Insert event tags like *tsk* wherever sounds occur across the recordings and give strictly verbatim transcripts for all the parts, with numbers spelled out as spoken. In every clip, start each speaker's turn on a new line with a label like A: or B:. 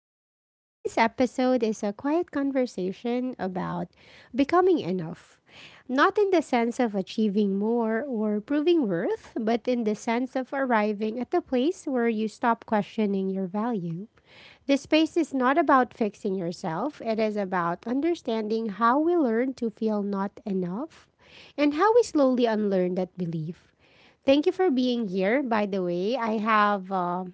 A: Lounge. Today's episode is a quiet conversation about becoming enough. Not in the sense of achieving more or proving worth, but in the sense of arriving at the place where you stop questioning your value. This space is not about fixing yourself, it is about understanding how we learn to feel not enough and how we slowly unlearn that belief. Thank you for being here. By the way, I have uh,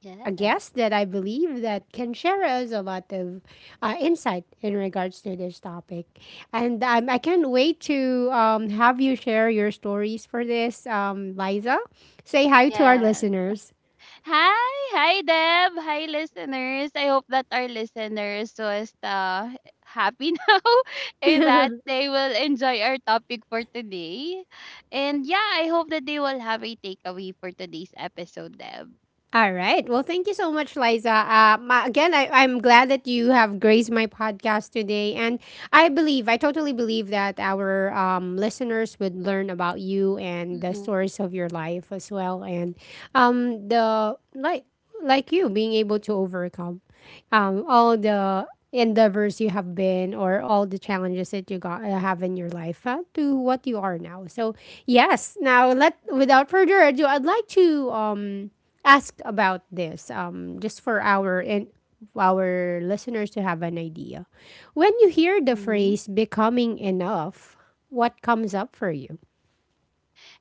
B: Yeah.
A: a guest that I believe that can share us a lot of uh, insight in regards to this topic. And um, I can't wait to um, have you share your stories for this, um, Liza. Say hi to our
B: Yes.
A: listeners.
B: Hi, hi Deb. Hi listeners. I hope that our listeners was uh, happy *laughs* now, and that they will enjoy our topic for today. And yeah, I hope that they will have a takeaway for today's episode, Deb.
A: All right. Well, thank you so much, Liza. Uh, ma- again, I, I'm glad that you have graced my podcast today. And I believe, I totally believe that our um, listeners would learn about you and the stories of your life as well. And um, the, like, like you being able to overcome um, all the endeavors you have been or all the challenges that you got uh, have in your life uh, to what you are now. So yes, now let, without further ado, I'd like to um asked about this, um, just for our and our listeners to have an idea. When you hear the
B: Mm-hmm.
A: phrase becoming enough, what comes up for you?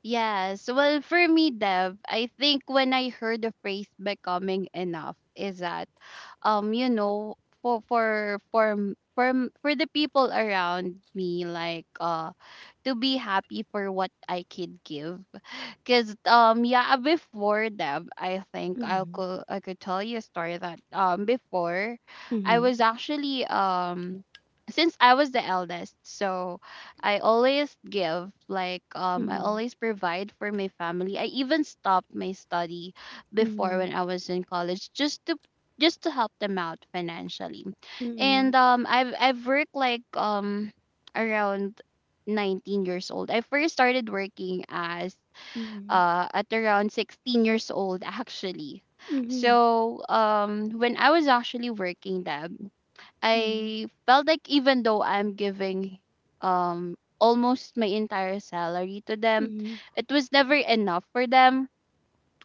B: Yes. Well, for me, Dev, I think when I heard the phrase becoming enough is that um you know for for for m- for m- for the people around me, like uh to be happy for what I could give. Cause um yeah, before, Deb, I think I could I could tell you a story that um before I
A: Mm-hmm.
B: was actually um, since I was the eldest, so I always give, like um I
A: Mm-hmm.
B: always provide for my family. I even stopped my study before
A: Mm-hmm.
B: when I was in college just to just to help them out financially.
A: Mm-hmm.
B: And um I've I've worked like um, around nineteen years old. I first started working as
A: Mm-hmm.
B: uh, at around sixteen years old actually.
A: Mm-hmm.
B: So um, when I was actually working them, I felt like even though I'm giving um, almost my entire salary to them,
A: Mm-hmm.
B: it was never enough for them.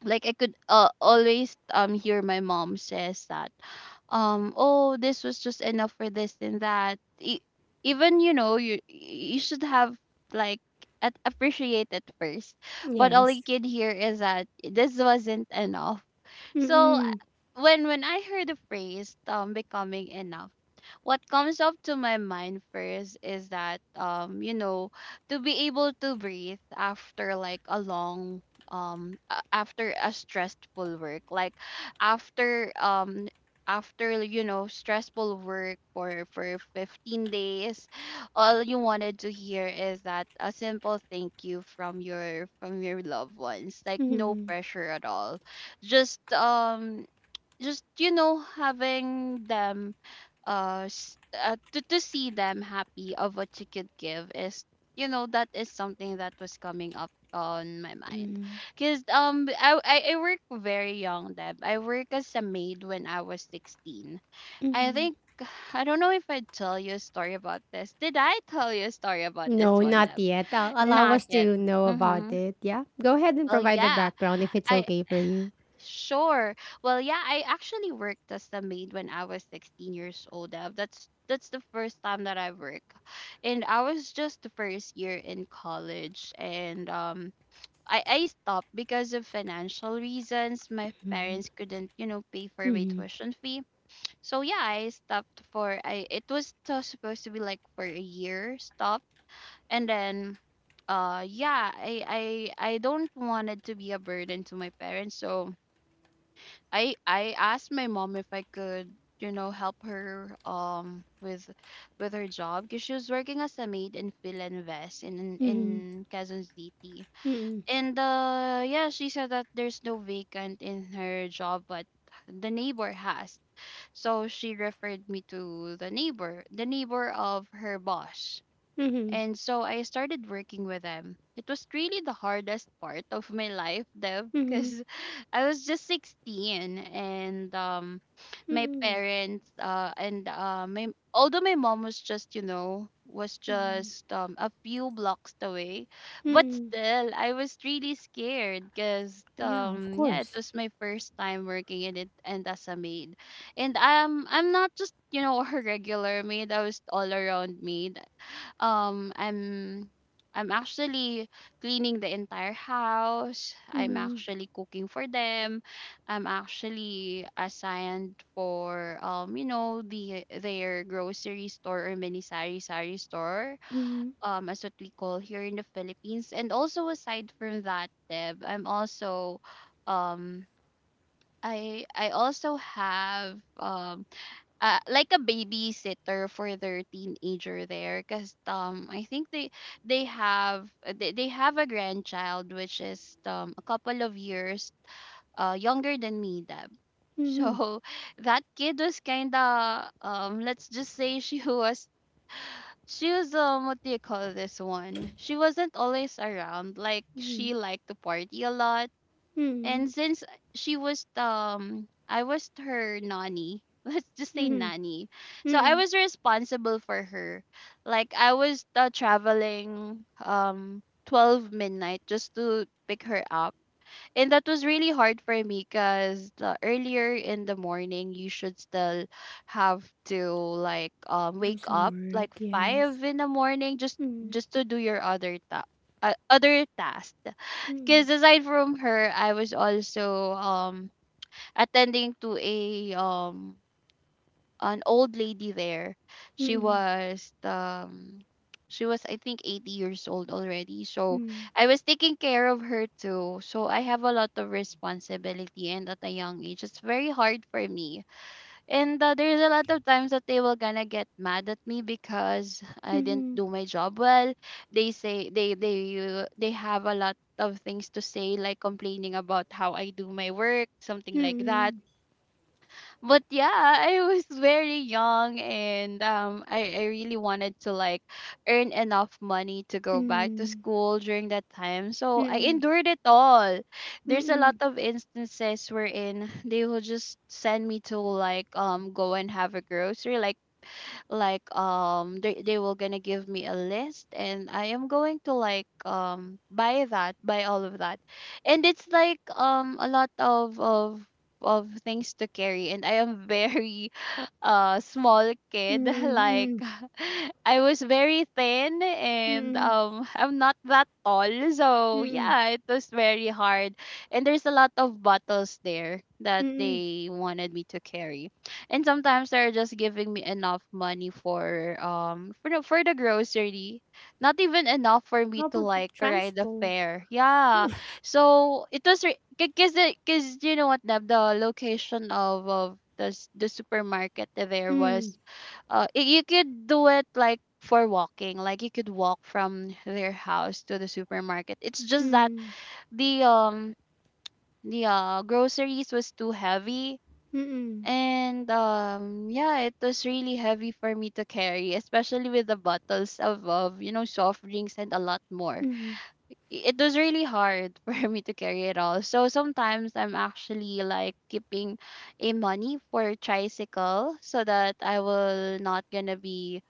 B: Like I could uh, always um hear my mom says that um oh, this was just enough for this and that. E- even you know, you you should have, like, at, appreciate it first, but all you
A: Yes.
B: can hear is that this wasn't enough. So uh,
A: Mm-hmm.
B: when when I heard the phrase um becoming enough, what comes up to my mind first is that um you know, to be able to breathe after like a long um a- after a stressful work, like after um after you know, stressful work for for fifteen days *sighs* all you wanted to hear is that a simple thank you from your from your loved ones, like no
A: Mm-hmm.
B: pressure at all, just um just you know, having them, uh, s- uh to, to see them happy of what you could give is, you know, that is something that was coming up on my mind. Because um I, I I work very young, Deb. I work as a maid when I was sixteen, I think. *sighs* I don't know if I tell you a story about this. Did I tell you a story about this
A: No,
B: one,
A: not
B: Deb?
A: yet. Uh, allow
B: Not
A: us
B: yet.
A: to know about
B: Mm-hmm.
A: it. Yeah. Go ahead and
B: Well,
A: provide the
B: yeah,
A: background if it's
B: I
A: okay for you.
B: Sure. Well, yeah, I actually worked as a maid when I was sixteen years old. Uh, That's that's the first time that I work. And I was just the first year in college, and um I, I stopped because of financial reasons. My parents couldn't, you know, pay for my tuition fee. So yeah, I stopped for I it was t- supposed to be like for a year stop. And then uh yeah, I I I don't wanted to be a burden to my parents, so I I asked my mom if I could, you know, help her um with with her job, because she was working as a maid in Philinvest in in Quezon City. And uh yeah, she said that there's no vacant in her job, but the neighbor has. So she referred me to the neighbor, the neighbor of her boss.
A: Mm-hmm.
B: And so I started working with them. It was really the hardest part of my life, Dev,
A: Mm-hmm.
B: because *laughs* I was just sixteen, and um, my
A: Mm-hmm.
B: parents uh, and uh, my although my mom was just, you know, was just um, a few blocks away, but
A: Mm-hmm.
B: still I was really scared because
A: Yeah, of
B: um yeah, it
A: course.
B: was my first time working in it and as a maid. And um I'm not just, you know, *laughs* a regular maid. I was all around maid. Um i'm i'm actually cleaning the entire house. I'm
A: Mm-hmm.
B: actually cooking for them. I'm actually assigned for um you know, the their grocery store or mini sari sari store, um as what we call here in the Philippines. And also aside from that, Deb, I'm also um I I also have um uh, like a babysitter for their teenager there, because um I think they they have uh, they, they have a grandchild which is um a couple of years uh younger than me, Deb. So *laughs* that kid was kinda um, let's just say she was, she was um what do you call this one? She wasn't always around. Like, she liked to party a lot.
A: Mm-hmm.
B: And since she was um I was her nanny. *laughs* Let's just say
A: Mhm,
B: nanny. So I
A: mm.
B: was responsible for her. Like, I was uh, traveling um twelve midnight just to pick her up. And that was really hard for me, cuz the earlier in the morning you should still have to, like um
A: Do
B: wake
A: some
B: up
A: work,
B: like
A: yes.
B: five in the morning just
A: Mm,
B: just to do your other ta- uh, other task.
A: mm,
B: Because aside from her, I was also um attending to a um an old lady there. She
A: mm,
B: was um she was I think eighty years old already. So I was taking care of her too. So I have a lot of responsibility, and at a young age, it's very hard for me. And uh, there's a lot of times that they will gonna get mad at me because I didn't
A: mhm,
B: do my job well. They say they they uh, they have a lot of things to say, like complaining about how I do my work, something like that.
A: mm,
B: But yeah, I was very young, and um I, I really wanted to like earn enough money to go back to
A: mm,
B: school during that time. So I
A: mm,
B: endured it all. There's a lot
A: mm,
B: of instances wherein they will just send me to, like um go and have a grocery, like like um they they will gonna give me a list, and I am going to, like um buy that, buy all of that. And it's like um a lot of of of things to carry, and I am very, *laughs* uh small kid, *laughs* like,
A: mm,
B: *laughs* I was very thin, and
A: mm,
B: um I'm not that tall, so
A: mm,
B: yeah, it was very hard. And there's a lot of bottles there that
A: mm.
B: they wanted me to carry, and sometimes they're just giving me enough money for um for the, for the grocery, not even enough for me
A: How
B: to
A: about
B: like ride the
A: transport?
B: fare, yeah. So it was, because because you know what, the, the location of of the s- the supermarket there
A: Mm,
B: was uh y- you could do it like for walking, like you could walk from their house to the supermarket. It's just that
A: mm,
B: the um the uh groceries was too heavy,
A: mm, mm,
B: and um yeah, it was really heavy for me to carry, especially with the bottles of of you know, soft drinks and a lot more. i- it was really hard *laughs* for me to carry it all. So sometimes I'm actually like keeping a money for tricycle so that I will not gonna be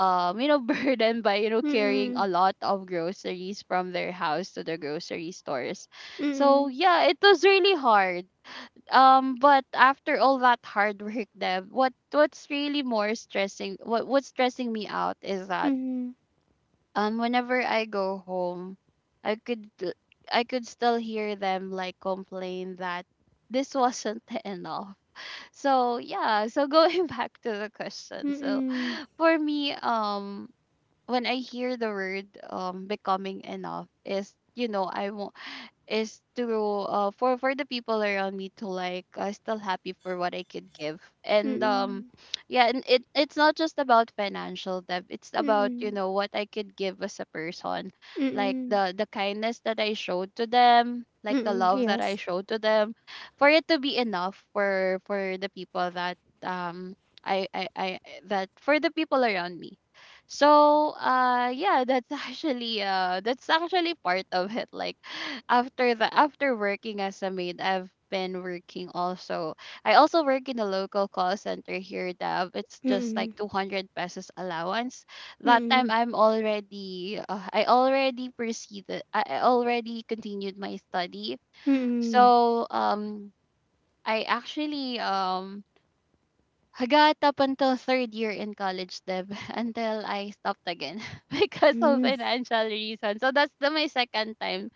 B: um you know, *laughs* burdened by you know, carrying a
A: mm,
B: lot of groceries from their house to the grocery stores. So
A: mhm,
B: yeah, it was really hard. Um but after all that hard work, Deb, what what's really more stressing, what what's stressing me out is that
A: mm,
B: um whenever I go home, I could l- I could still hear them like complain that this wasn't *laughs* enough. So yeah, so going *laughs* back to the question. So for me, um when I hear the word um becoming enough is, you know, I want is to uh for for the people around me to like uh, still happy for what I could give. And um
A: mm,
B: *sniffs* yeah, and it, it's not just about financial debt, it's about you
A: mm,
B: know what I could give as a person, like
A: mm,
B: the the kindness that I showed to them, like the
A: mm,
B: love that I
A: yes.
B: showed to them, for it to be enough for for the people that um I I I that for the people around me. So, uh yeah, that's *laughs* actually uh that's actually part of it. Like, *sighs* after the after working as a maid, I've been working also. I also work in a local call center here, Dab. It's just like
A: Mm,
B: two hundred pesos allowance. That time
A: mm,
B: I'm already uh, I already proceeded. I I already continued my study.
A: mm,
B: So, um I actually um Hangga't up until third year in college, Deb, *laughs* until I stopped again *laughs* because of
A: mm,
B: financial reasons. So that's the my second time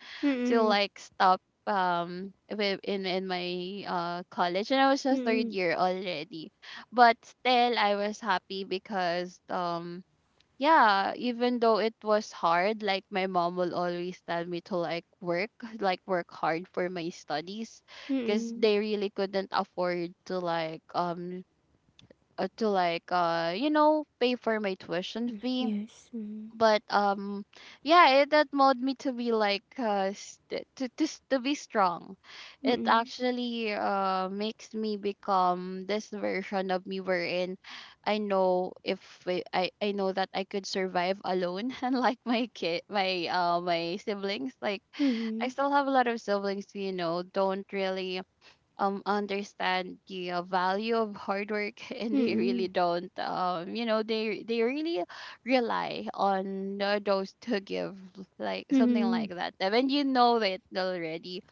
B: to
A: mm,
B: like stop um with in in my uh college, and I was
A: mm,
B: a third
A: mm,
B: year already. But still I was happy because um yeah, even though it was hard, like my mom will always tell me to like work, like work hard for my studies because
A: mm,
B: they really couldn't afford to like um uh, to like uh you know pay for my tuition fee
A: Yes.
B: but um yeah it that molded me to be like uh st- to, to s- to be strong. It
A: Mm.
B: actually uh makes me become this version of me wherein I know if i i, I know that I could survive alone *laughs* unlike my kid my uh my siblings, like I
A: Mhm.
B: still have a lot of siblings, you know, don't really um understand the uh, value of hard work *laughs* and they really
A: Mm.
B: don't um you know they they really rely on uh, those to give like something like
A: Mhm.
B: that. And when you know it already,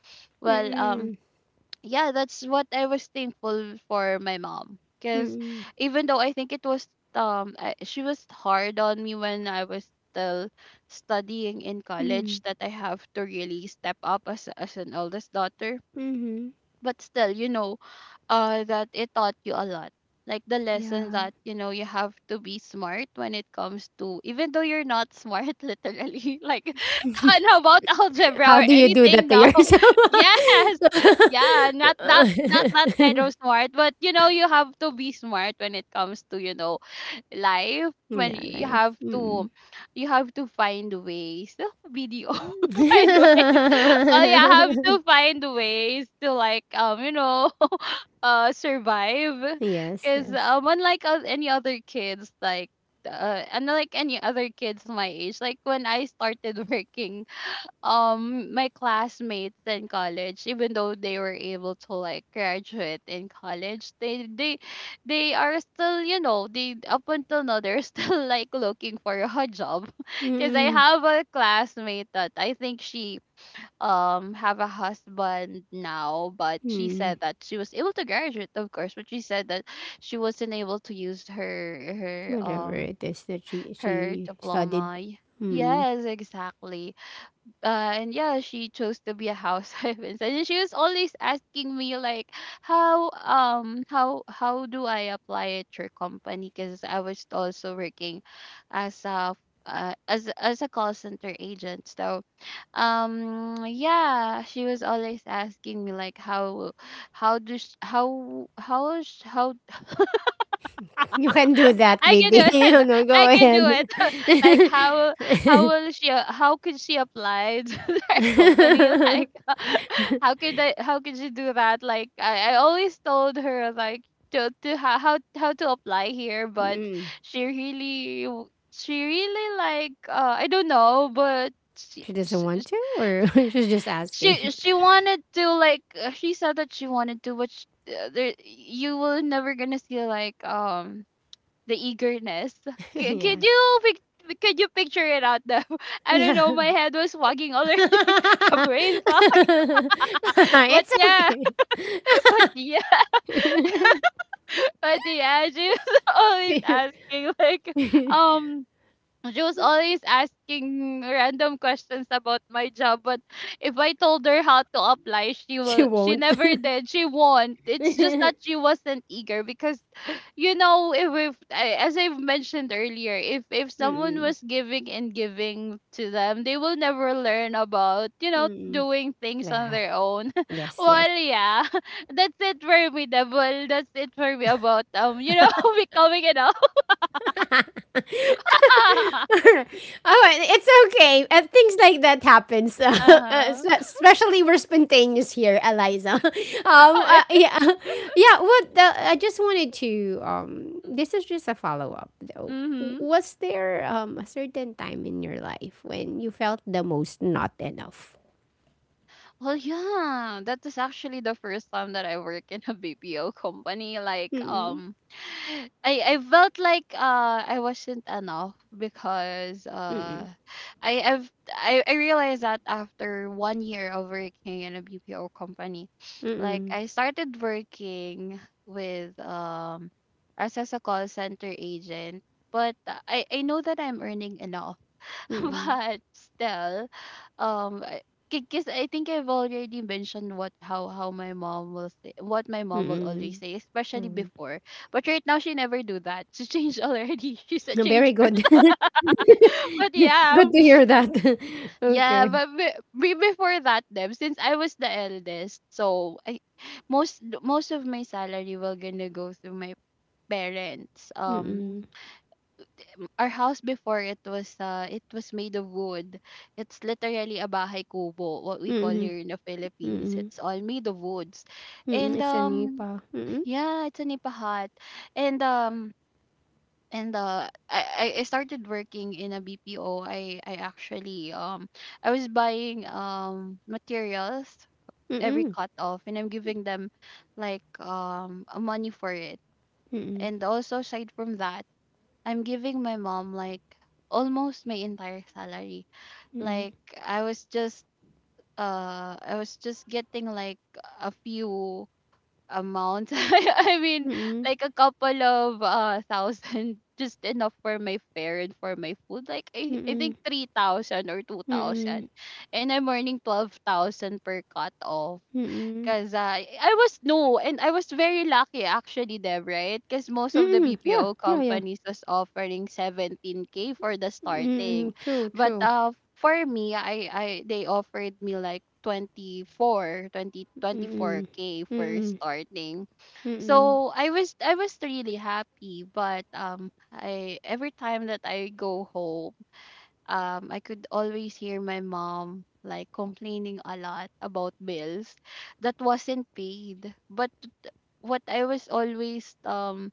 B: well um
A: Mm.
B: yeah, that's what I was thankful for my mom because
A: Mm.
B: even though I think it was um I, she was hard on me when I was still studying in college
A: Mm.
B: that I have to really step up as as an eldest daughter.
A: Mhm.
B: But still, you know, uh that it taught you a lot, like the lesson
A: Yeah.
B: that, you know, you have to be smart when it comes to, even though you're not smart *laughs* literally, like *laughs* and how about algebra
A: How
B: or
A: do you do
B: anything,
A: that to
B: no
A: yourself?
B: *laughs* yes,
A: *laughs*
B: yeah, not that, not that kind of smart, but you know, you have to be smart when it comes to, you know, life, when
A: Yeah,
B: you
A: life.
B: have to,
A: Mm.
B: you have to find ways *laughs* video. *laughs* Find ways. Well, yeah, I have
A: *laughs*
B: to find ways to like um you know *laughs* uh survive
A: Yes,
B: because
A: yes.
B: um unlike oth- any other kids, like uh unlike any other kids my age, like when I started *laughs* working um my classmates in college, even though they were able to like graduate in college, they they they are still, you know, they up until now they're still *laughs* like looking for a job *laughs* because I
A: Mm.
B: have a classmate that I think she um have a husband now, but she
A: Mm.
B: said that she was able to graduate, of course, but she said that she wasn't able to use her her
A: Whatever
B: um
A: it is that she
B: her
A: she studied.
B: diploma.
A: Mm.
B: Yes, exactly. uh, and yeah, she chose to be a housewife *laughs* instead. And she was always asking me like, how um how how do I apply at your company? Because I was also working as a uh, as as a call center agent. So um yeah, she was always asking me like how how do sh- how how sh- how
A: *laughs* You can do that,
B: I can do
A: baby. *laughs*
B: it.
A: No,
B: *laughs*
A: go
B: I can do
A: ahead.
B: it. *laughs* Like how how will she a- how could she apply to *laughs* their company? Like *laughs* how could I how could she do that? Like I, I always told her like to to how, how how to apply here, but she really w- she really like uh I don't know, but she
A: She doesn't
B: she
A: want to, or *laughs* she's just
B: she,
A: asking.
B: she wanted to like uh, she said that she wanted to, but sh uh, there you will never gonna see like um the eagerness.
A: *laughs*
B: C- could
A: Yeah.
B: you pic- could you picture it out though? *laughs* I don't
A: Yeah.
B: know. My head was fogging
A: *laughs*
B: already. *laughs* The brain fog. *laughs* But
A: It's
B: yeah,
A: okay.
B: *laughs* but yeah, but yeah, she was *laughs* always
A: *laughs*
B: asking like um. She was always asking random questions about my job, but if I told her how to apply, she
A: She
B: will. She
A: won't.
B: never
A: *laughs*
B: did. She won't. It's just that she wasn't eager because, you know, if, if I- as I've mentioned earlier, if if someone
A: Mm-mm,
B: was giving and giving to them, they will never learn about, you know,
A: mm-mm.
B: doing things on
A: Yeah.
B: their own *laughs*
A: Yes, yes.
B: well yeah *laughs* that's it for me, double, that's it for me about um you know *laughs* becoming an *laughs*
A: *laughs* All right, it's okay. Uh, things like that happens, *laughs* uh, uh,
B: uh-huh
A: especially we're spontaneous here, Eliza. *laughs* um, uh,
B: *laughs*
A: yeah, *laughs* yeah. What the, I just wanted to. Um, this is just a follow up, though.
B: mm-hmm.
A: Was there um a certain time in your life when you felt the most not enough?
B: Well, yeah, that is actually the first time that I work in a B P O company. Like,
A: Mm-mm,
B: um, I I felt like uh I wasn't enough because uh I I've I, I realized that after one year of working in a B P O company, like
A: mm-mm,
B: I started working with um as, as a call center agent, but I I know that I'm earning enough *laughs*
A: mm-mm.
B: but still, um, because I think I've already mentioned what how how my mom will say, what my mom will
A: Mm.
B: always say, especially
A: Mm.
B: before. But right now, she never do that. *laughs* She changed already. *laughs* She's
A: *laughs*
B: a
A: Very
B: change
A: good.
B: person.
A: *laughs*
B: *laughs* But yeah,
A: Good to hear that. *laughs*
B: yeah.
A: Okay.
B: But be, be- before that, them, since I was the eldest, so I most most of my salary will gonna go through my parents. Um,
A: Mm.
B: our house before, it was uh it was made of wood. It's literally a bahay kubo, what we call
A: Mm.
B: here in the Philippines.
A: Mm.
B: It's all made of woods.
A: Mm.
B: And
A: It's a
B: um
A: nipa. Mm.
B: yeah, it's a nipa hut. And um and uh I, I I started working in a B P O. I I actually um I was buying um materials every
A: Mm.
B: cut off and I'm giving them like um money for it.
A: Mm.
B: And also, aside from that, I'm giving my mom like almost my entire salary.
A: Mm.
B: Like I was just uh I was just getting like a few amounts. *laughs* I mean,
A: Mm.
B: like a couple of uh thousand *laughs* just enough for my fare and for my food. Like I, I think three thousand or two
A: Mm. Mm.
B: thousand. And I'm earning twelve thousand per cut.
A: Mm.
B: Cause I I was no, and I was very lucky actually, Deb, right? Because most of the
A: Mm. Yeah.
B: B P O
A: Yeah. Yeah.
B: companies was offering seventeen k for the
A: Mm.
B: starting,
A: True.
B: but
A: True.
B: uh for me, I I they offered me like twenty four twenty twenty
A: Mm.
B: four k for
A: Mm.
B: starting.
A: Mm.
B: So I was I was really happy, but um I every time that I go home, um I could always hear my mom like complaining a lot about bills that wasn't paid. But what I was always um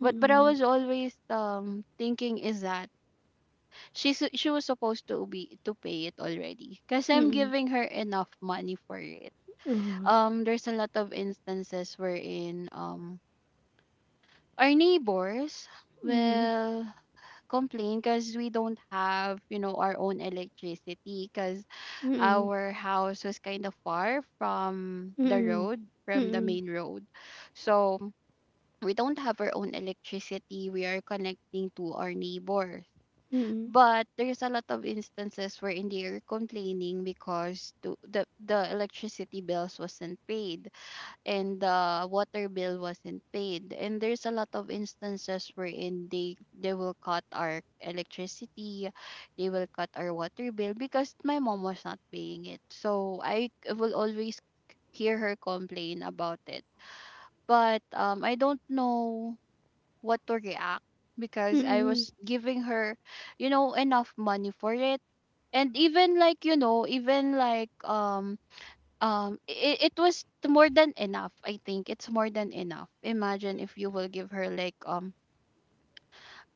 A: Mm.
B: but but I
A: Mm.
B: was always um thinking is that she su- she was supposed to be to pay it already because I'm
A: Mm.
B: giving her enough money for it.
A: Mm.
B: Um, there's a lot of instances wherein um our neighbors
A: Mm.
B: will complain because we don't have, you know, our own electricity, cause
A: Mm.
B: our house was kind of far from the
A: Mm.
B: road, from the
A: Mm.
B: main road. So we don't have our own electricity. We are connecting to our neighbors.
A: Mm.
B: But there's a lot of instances wherein they are complaining because to, the, the electricity bills wasn't paid and the water bill wasn't paid. And there's a lot of instances wherein they they will cut our electricity, they will cut our water bill because my mom was not paying it. So I c- will always hear her complain about it. But um, I don't know what to react because I
A: Mm.
B: was giving her, you know, enough money for it. And even like, you know, even like um um it, it was t- more than enough. I think it's more than enough. Imagine if you will give her like um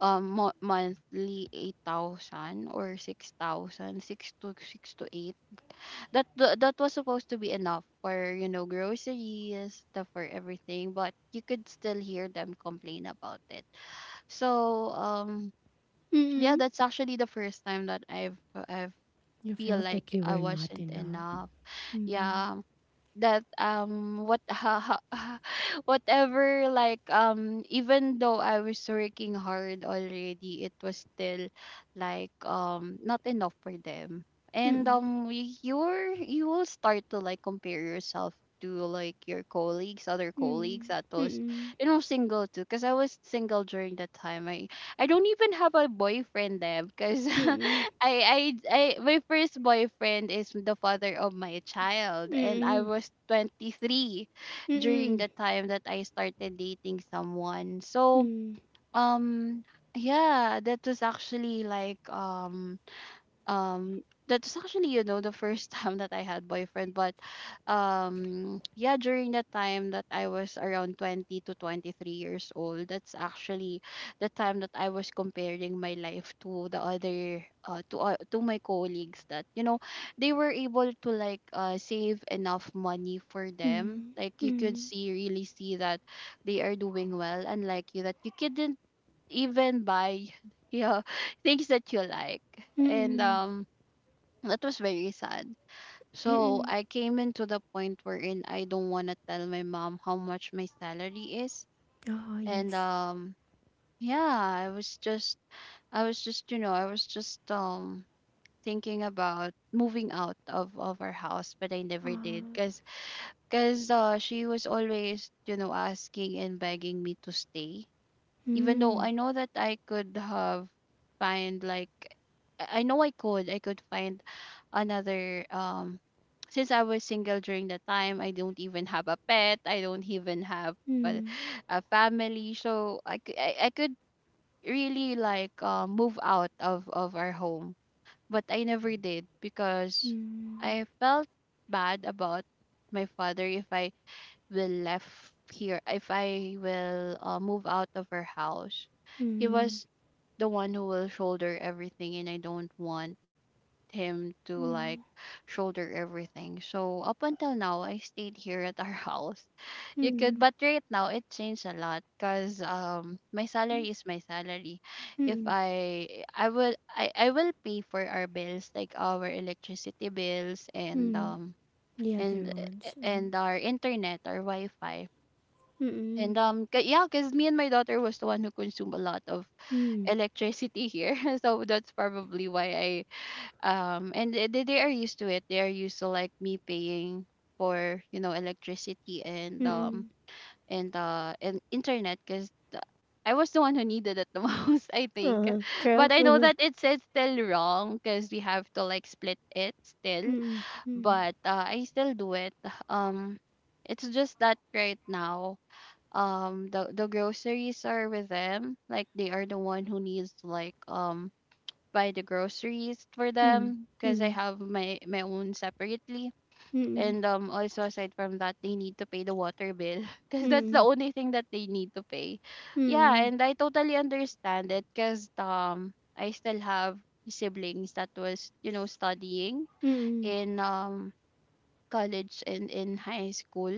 B: um mo- monthly eight thousand or six thousand six to six to eight that th- that was supposed to be enough for, you know, groceries stuff, for everything, but you could still hear them complain about it. So um yeah,
A: Mm.
B: that's actually the first time that i've i've
A: You
B: feel
A: felt
B: like
A: that you
B: I
A: were not
B: wasn't
A: enough.
B: enough.
A: Mm.
B: Yeah, that um what *laughs* ha, ha, whatever, like um even though I was working hard already, it was still like um not enough for them. And
A: Mm.
B: um y- you're you will start to like compare yourself to like your colleagues, other colleagues
A: Mm.
B: that was,
A: Mm.
B: you know, single too, because I was single during that time. I I don't even have a boyfriend then because *laughs*
A: Mm.
B: I, I I my first boyfriend is the father of my child
A: Mm.
B: and I
A: Mm.
B: was twenty-three
A: Mm.
B: during
A: Mm.
B: the time that I started dating someone. So um yeah, that was actually like um um that's actually, you know, the first *laughs* time that I had boyfriend. But um yeah, during that time that I was around twenty to twenty-three years old, that's actually the time that I was comparing my life to the other uh, to uh, to my colleagues that, you know, they were able to like uh, save enough money for them, like you could see, really see that they are doing well, unlike you that you couldn't even buy *laughs* yeah, things that you like.
A: Mm.
B: And
A: Mm.
B: um that was very sad. So
A: Mm.
B: I came into the point wherein I don't want to tell my mom how much my salary is.
A: Oh,
B: And
A: yes.
B: um yeah, I was just, i was just you know, I was just um thinking about moving out of of our house, but I never did
A: Oh.
B: because because uh, she was always, you know, asking and begging me to stay, even though I
A: Mm.
B: know that I could have find like I I know I could I could find another um since I was single during the time, I don't even have a pet, I don't even have a,
A: Mm.
B: a family, so I cou- I I could really like uh, move out of of our home, but I never did because
A: Mm.
B: I felt bad about my father if I will left here, if I will uh, move out of her house. He
A: Mm.
B: was the one who will shoulder everything, and I don't want him to Like shoulder everything. So up until now, I stayed here at our *laughs* house. You could,
A: Mm.
B: but right now it changed a lot because um my salary is my salary. If
A: Mm.
B: I I will I I will pay for our bills like our electricity bills and
A: Mm.
B: um
A: The other
B: and eh, eh,
A: ones. Mm.
B: and our internet our Wi-Fi and um, ca- yeah, because me and my daughter was the one who consumed a lot of
A: Mm. Mm.
B: electricity here, *laughs* so that's probably why I um, and they, they they are used to it. They are used to like me paying for you know electricity and um
A: Mm.
B: and uh and internet because I was the one who needed it the *laughs* most, I think.
A: Uh-huh. True.
B: But I
A: Uh
B: know
A: huh.
B: that it's it's still wrong because we have to like split it still.
A: Mm. Mm.
B: But uh, I still do it. Um, it's just that right now um the the groceries are with them, like they are the one who needs to like um buy the groceries for
A: Mm.
B: them because I
A: Mm.
B: have my my own separately,
A: Mm.
B: and um also aside from that they need to pay the water bill *laughs* because that's the
A: Mm.
B: only thing that they need to pay.
A: Mm.
B: Yeah,
A: Mm.
B: and I totally understand it because um I still have siblings that was you know studying
A: Mm.
B: in um college and in high school,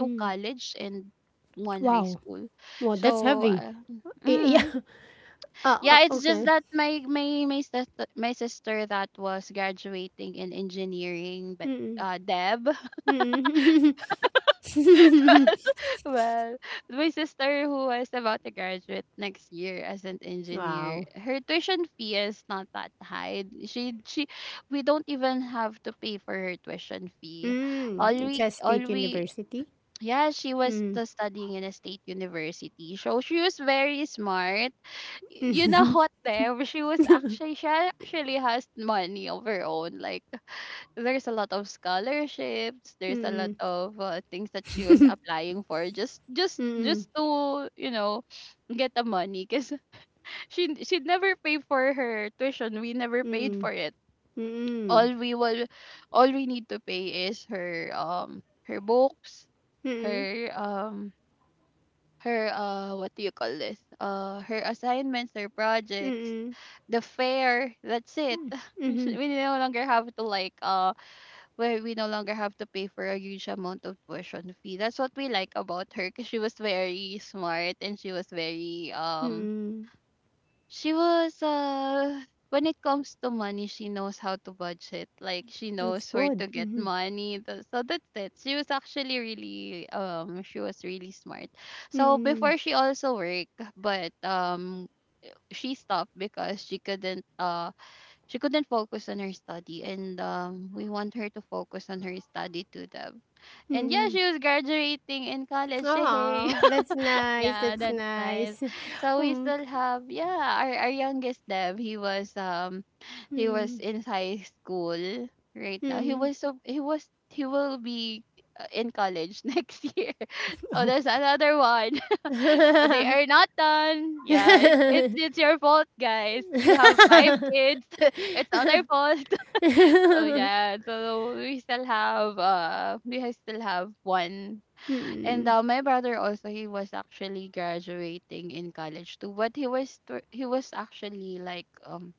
B: two college and one high
A: Wow.
B: school.
A: Wow, that's
B: So,
A: heavy.
B: uh,
A: Y yeah.
B: mm,
A: *laughs* Uh, uh,
B: yeah, it's just
A: okay.
B: that my my my sister, my sister that was graduating in engineering, but
A: Mm.
B: uh, Deb,
A: Mm.
B: *laughs* well, my sister who was about to graduate next year as an
A: *laughs*
B: engineer,
A: Wow.
B: her tuition fee is not that high. She she, we don't even have to pay for her tuition fee. all
A: Mm.
B: we
A: Just
B: all
A: State
B: we
A: University?
B: Yeah, she was
A: Mm.
B: the studying in a state university. So she was very smart. Y- You know *laughs* what, Dev? She was actually she actually has money of her own. Like, there's a lot of scholarships. There's a lot
A: Mm.
B: of uh, things that she was applying for, just just just to you know get the money. Cause *laughs* she she never pay for her tuition. We never paid
A: Mm.
B: for it.
A: Mm.
B: All we will, all we need to pay is her um her books,
A: Mm.
B: her um her uh what do you call this, uh her assignments, her projects,
A: Mm.
B: the fair. That's it. *laughs*
A: Mm.
B: We no longer have to like uh where we no longer have to pay for a huge amount of tuition fee. That's what we like about her, because she was very smart and she was very um
A: Mm.
B: she was uh when it comes to money, she knows how to budget. Like she
A: That's
B: knows where
A: good.
B: to get
A: Mm.
B: money. Th- So that's it. She was actually really um she was really smart. So
A: Mm.
B: before she also worked, but um she stopped because she couldn't uh she couldn't focus on her study, and um we want her to focus on her study to them. And yeah,
A: Mm.
B: she was graduating in college. *laughs* Hey.
A: Oh, that's nice.
B: Yeah,
A: That's
B: that's nice.
A: nice. *laughs*
B: So we
A: Mm.
B: still have, yeah, our our youngest Deb, he was um he was in high school right now. He
A: Mm.
B: was so he was he will be uh, in college *laughs* next year. So
A: Oh.
B: there's another one. *laughs* So they are not done. Yeah, it's it's it's your fault, guys. You have five kids. *laughs* It's not our fault. *laughs* So yeah, so we still have uh we ha- still have one, and
A: Mm.
B: uh, my brother also, he was actually graduating in college too, but he was tw- he was actually like um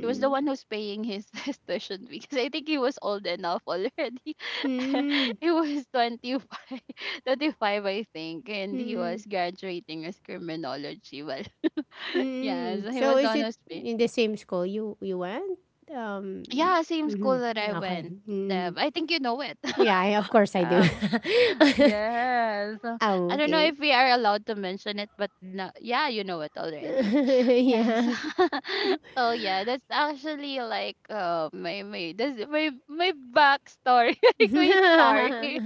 B: he was the one who's paying his *laughs* his tuition fee because I think he was old enough already. *laughs*
A: Mm.
B: He was twenty five, twenty five, *laughs* I think, and he was
A: Mm.
B: graduating as criminology. Well, *laughs* yeah, so
A: Mm,
B: he
A: so
B: was the
A: is
B: one
A: it
B: who's paying.
A: in the same school you you went? Um,
B: Yeah, same school that I
A: okay.
B: went.
A: Mm.
B: Deb. I think you know it.
A: Yeah, I,
B: *laughs*
A: of course I do.
B: Yeah.
A: *laughs*
B: Yes. Uh,
A: Oh,
B: I don't know
A: okay.
B: if we are allowed to mention it, but no, yeah, you know it already.
A: *laughs*
B: Yes.
A: Yeah.
B: *laughs* Oh yeah, that's actually like uh my my that's my my backstory, *laughs* like
A: *laughs*
B: my story.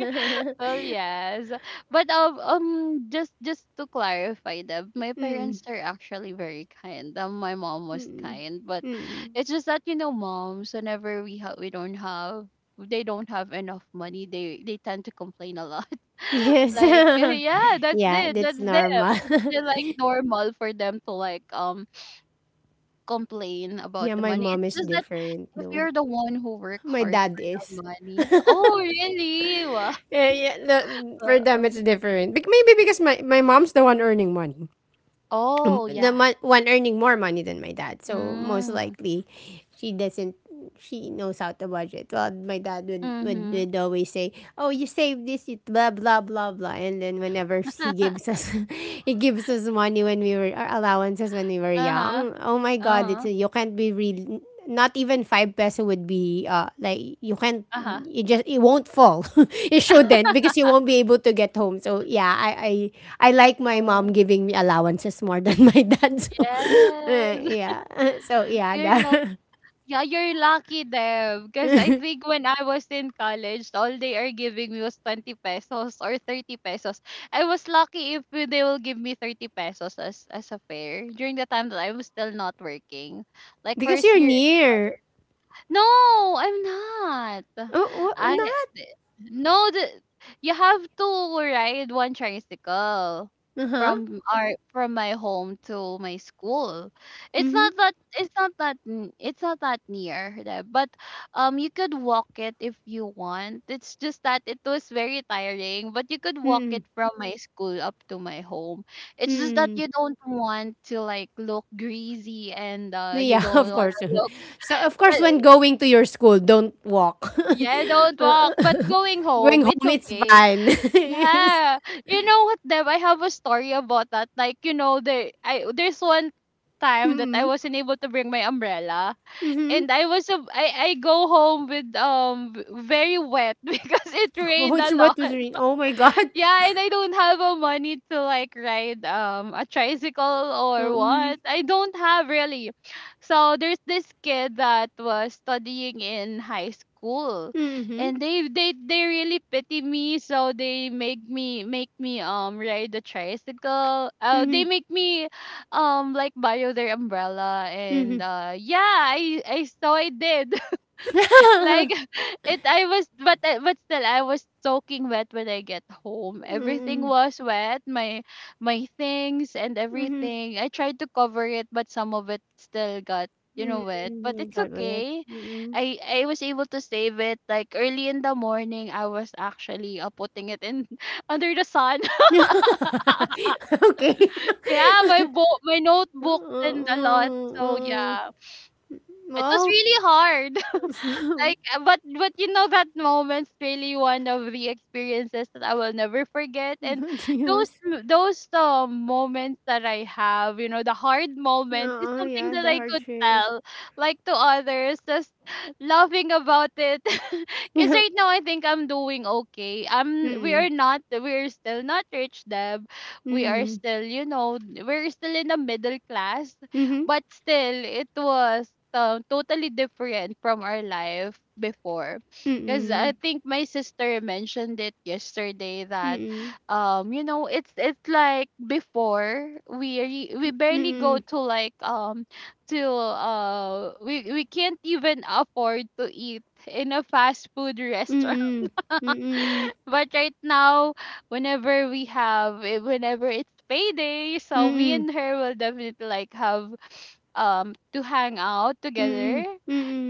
B: Well, yes. But um, um just just to clarify that my
A: Mm,
B: parents are actually very kind. Um, my mom was
A: mm,
B: kind, but
A: mm.
B: it's just that you know, moms, whenever we have we don't have they don't have enough money, they they tend to complain a lot. *laughs*
A: Yes.
B: Like eh,
A: *laughs*
B: yeah, that's
A: Yeah,
B: it.
A: that's
B: That's them.
A: normal.
B: It's they're, like normal for them to like um complain
A: *laughs*
B: about
A: Yeah,
B: the
A: my
B: money.
A: mom
B: It's
A: is
B: just that
A: different
B: if
A: though.
B: you're the one who work
A: My
B: hard
A: dad
B: for
A: is.
B: the money. Oh really?
A: Yeah, yeah. The, for them,
B: Wow.
A: it's different. Bec- maybe because my, my mom's the one earning money. Um,
B: Oh,
A: the
B: yeah.
A: mon- one earning more money than my dad. So most
B: Mm.
A: likely, she doesn't. She knows how to budget. Well, my dad would, would,
B: Mhm.
A: would always say, "Oh, you save this, you blah blah blah blah." And then whenever *laughs* he gives
B: *laughs*
A: us, *laughs* he gives us money when we were our allowances when we were
B: Uh-huh.
A: young. Oh my God, it's
B: Uh-huh.
A: you can't be real, not even five peso would be uh like, you can't,
B: Uh-huh.
A: it just, it won't fall. *laughs* It shouldn't, because you won't be able to get home. So yeah, i i i like my mom
B: Oh,
A: giving me allowances more than *laughs* my dad. So uh,
B: yes.
A: yeah,
B: *laughs*
A: *laughs* so yeah
B: You're lucky.
A: that,
B: Yeah, you're lucky, Deb, because I think when I was in college, all they are giving me was twenty pesos or thirty pesos. I was lucky if they will give me thirty pesos as as a fare during the time that I was still not working.
A: *laughs*
B: Like
A: because
B: first
A: you're
B: year.
A: near.
B: No, I'm not.
A: Oh what,
B: I
A: not
B: No, the you have to ride one tricycle
A: uh-huh,
B: from our from my home to my school. It's
A: mm-hmm,
B: not that, it's not that n- it's not that near there, but um you could walk it if you want. It's just that it was very tiring, but you could walk it from my school up to my home. It's just that you don't want to like look greasy and uh you
A: yeah. *laughs*
B: don't
A: Of
B: want
A: course,
B: to look
A: so of course when going to your school, don't walk.
B: *laughs* yeah, don't walk, but going
A: *laughs* Going
B: home, it's
A: home it's
B: okay.
A: fine. *laughs* Yes.
B: Yeah. You know what, Deb? I have a story about that. Like, you know, the I there's one time that I wasn't able to bring my umbrella, and I was a, I, I go home with um v- very wet *laughs* because it
A: Oh
B: rained a
A: it's what was
B: lot.
A: re- oh my god.
B: Yeah, and I don't have a money to like ride um a tricycle or
A: Oh, mhm.
B: what. I don't have really. So there's this kid that was studying in high school,
A: Mhm,
B: and they they they really pity me, so they make me make me um ride the tricycle. Uh
A: mhm,
B: they make me um like borrow their umbrella, and uh yeah, I I so I did like, *laughs* it, I was but I- but still I was soaking wet when I get home. Everything
A: mm,
B: was wet, my my things and everything. I tried to cover it, but some of it still got you know wet, but
A: mm,
B: it's
A: kalbet,
B: okay.
A: mm.
B: I i was able to save it. Like early in the morning I was actually uh, putting it in *laughs* under the sun. *laughs*
A: Okey.
B: Yeah, my book my notebooks and a
A: Oo,
B: lot, so
A: oo.
B: yeah, it was
A: Wow.
B: really hard. *laughs* Like
A: *laughs*
B: uh, but but you know, that moment's really one of the experiences that I will never forget, and
A: *laughs* *laughs*
B: those
A: Yes.
B: m- those um, moments that I have, you know, the hard moments is
A: Oo,
B: something
A: yeah,
B: that
A: the
B: I
A: hard
B: could
A: shape.
B: tell like to others just *laughs* laughing about it. *laughs* Cuz right
A: *laughs*
B: now I think I'm doing okay. I'm We
A: Mm,
B: are not, we're still not rich, Deb. We are
A: mm,
B: still, you know, we're still in the middle class,
A: mhm,
B: but still, it was um, totally different from our life before.
A: mm,
B: Because I
A: mm,
B: think my sister mentioned it yesterday that,
A: mm,
B: um, you know, it's it's like before we re- we
A: mm,
B: barely go
A: mm,
B: to like um to uh we we can't even afford to eat in a fast food *laughs* restaurant,
A: mm,
B: but right now, whenever we have, eh, whenever it's payday, so me and her will definitely like have um to hang out together
A: mm,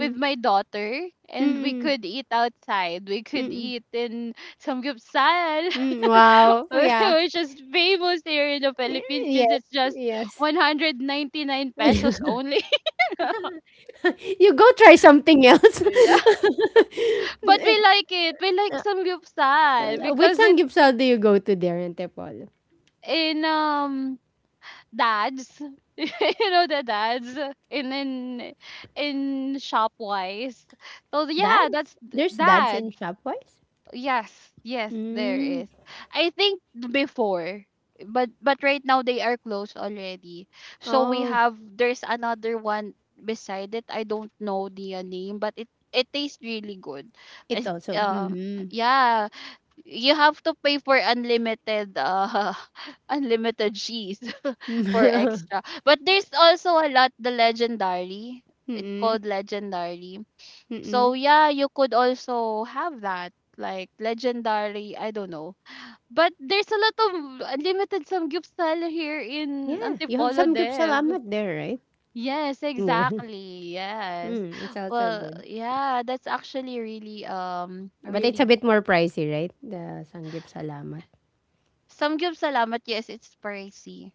B: with my daughter, and we
A: mm,
B: could eat outside. We could
A: mm.
B: eat in samgyeopsal
A: Wow,
B: *laughs*
A: Oh, yeah.
B: which is famous here in the Philippines,
A: Y-
B: because it's just
A: Yes,
B: one hundred ninety-nine pesos
A: yes. *laughs*
B: only.
A: You go try something else.
B: *laughs* Yeah. But we
A: *laughs*
B: like it. We like samgyeopsal
A: Which
B: because it...
A: sangyupsal do you go to there in Antipolo?
B: In um Dads. *laughs* You know the Dads, in in in shop wise so yeah,
A: Dads?
B: that's d-
A: There's dads
B: Dads.
A: in Shopwise?
B: Yes, yes there
A: Mm.
B: is, I think, before, but but right now they are closed already. So we
A: Oh,
B: have, there's another one beside it. I don't know the uh, name, but it it tastes really good.
A: it
B: As-
A: also.
B: um
A: Mm-hmm.
B: yeah, you have to pay for unlimited uh *laughs* unlimited cheese *laughs* for
A: *laughs*
B: extra, but there's also a lot, the Legendary. It
A: Mm-mm.
B: called Legendary. So
A: Mm-mm.
B: yeah, you could also have that, like Legendary, I don't know, but there's a lot of unlimited some gift sale here in
A: Yeah, you have
B: Antipolo,
A: some
B: Dev.
A: salamat there, right?
B: Yes,
A: Yeah. *laughs*
B: exactly, yes.
A: Mm, it's also
B: Well
A: good.
B: yeah, that's actually really um
A: But it's a
B: really...
A: bit more pricey, right? The sanggip salamat.
B: Some give salamat, yes, it's pricey.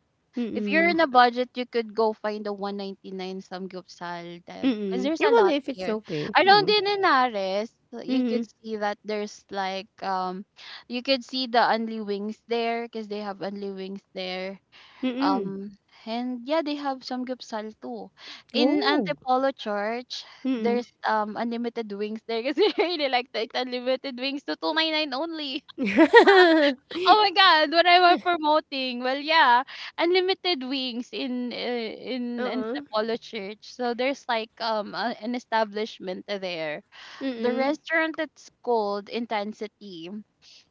B: If you're
A: Mm-mm.
B: in a budget, you could go find the one hundred ninety-nine samgyupsal, Deb, because
A: Mm-mm.
B: there's
A: You
B: a lot
A: wonder if it's
B: here.
A: okay.
B: Around
A: Mm-mm.
B: in Henares, uh, you could see that there's like, um, you could see the Only Wings there, because they have Only Wings there.
A: Mm-mm.
B: Um, and yeah, they have samgyupsal too. In
A: Oh.
B: Antipolo Church,
A: Mm-mm.
B: there's um unlimited wings there because *laughs* they really like the unlimited wings to two hundred ninety-nine only.
A: *laughs*
B: Oh my God, what am I promoting? Well, yeah, unlimited wings in uh,
A: Uh
B: in in the
A: uh.
B: Apollo Church. So there's like um a, an establishment there. The
A: Mm.
B: restaurant that's called Intensity.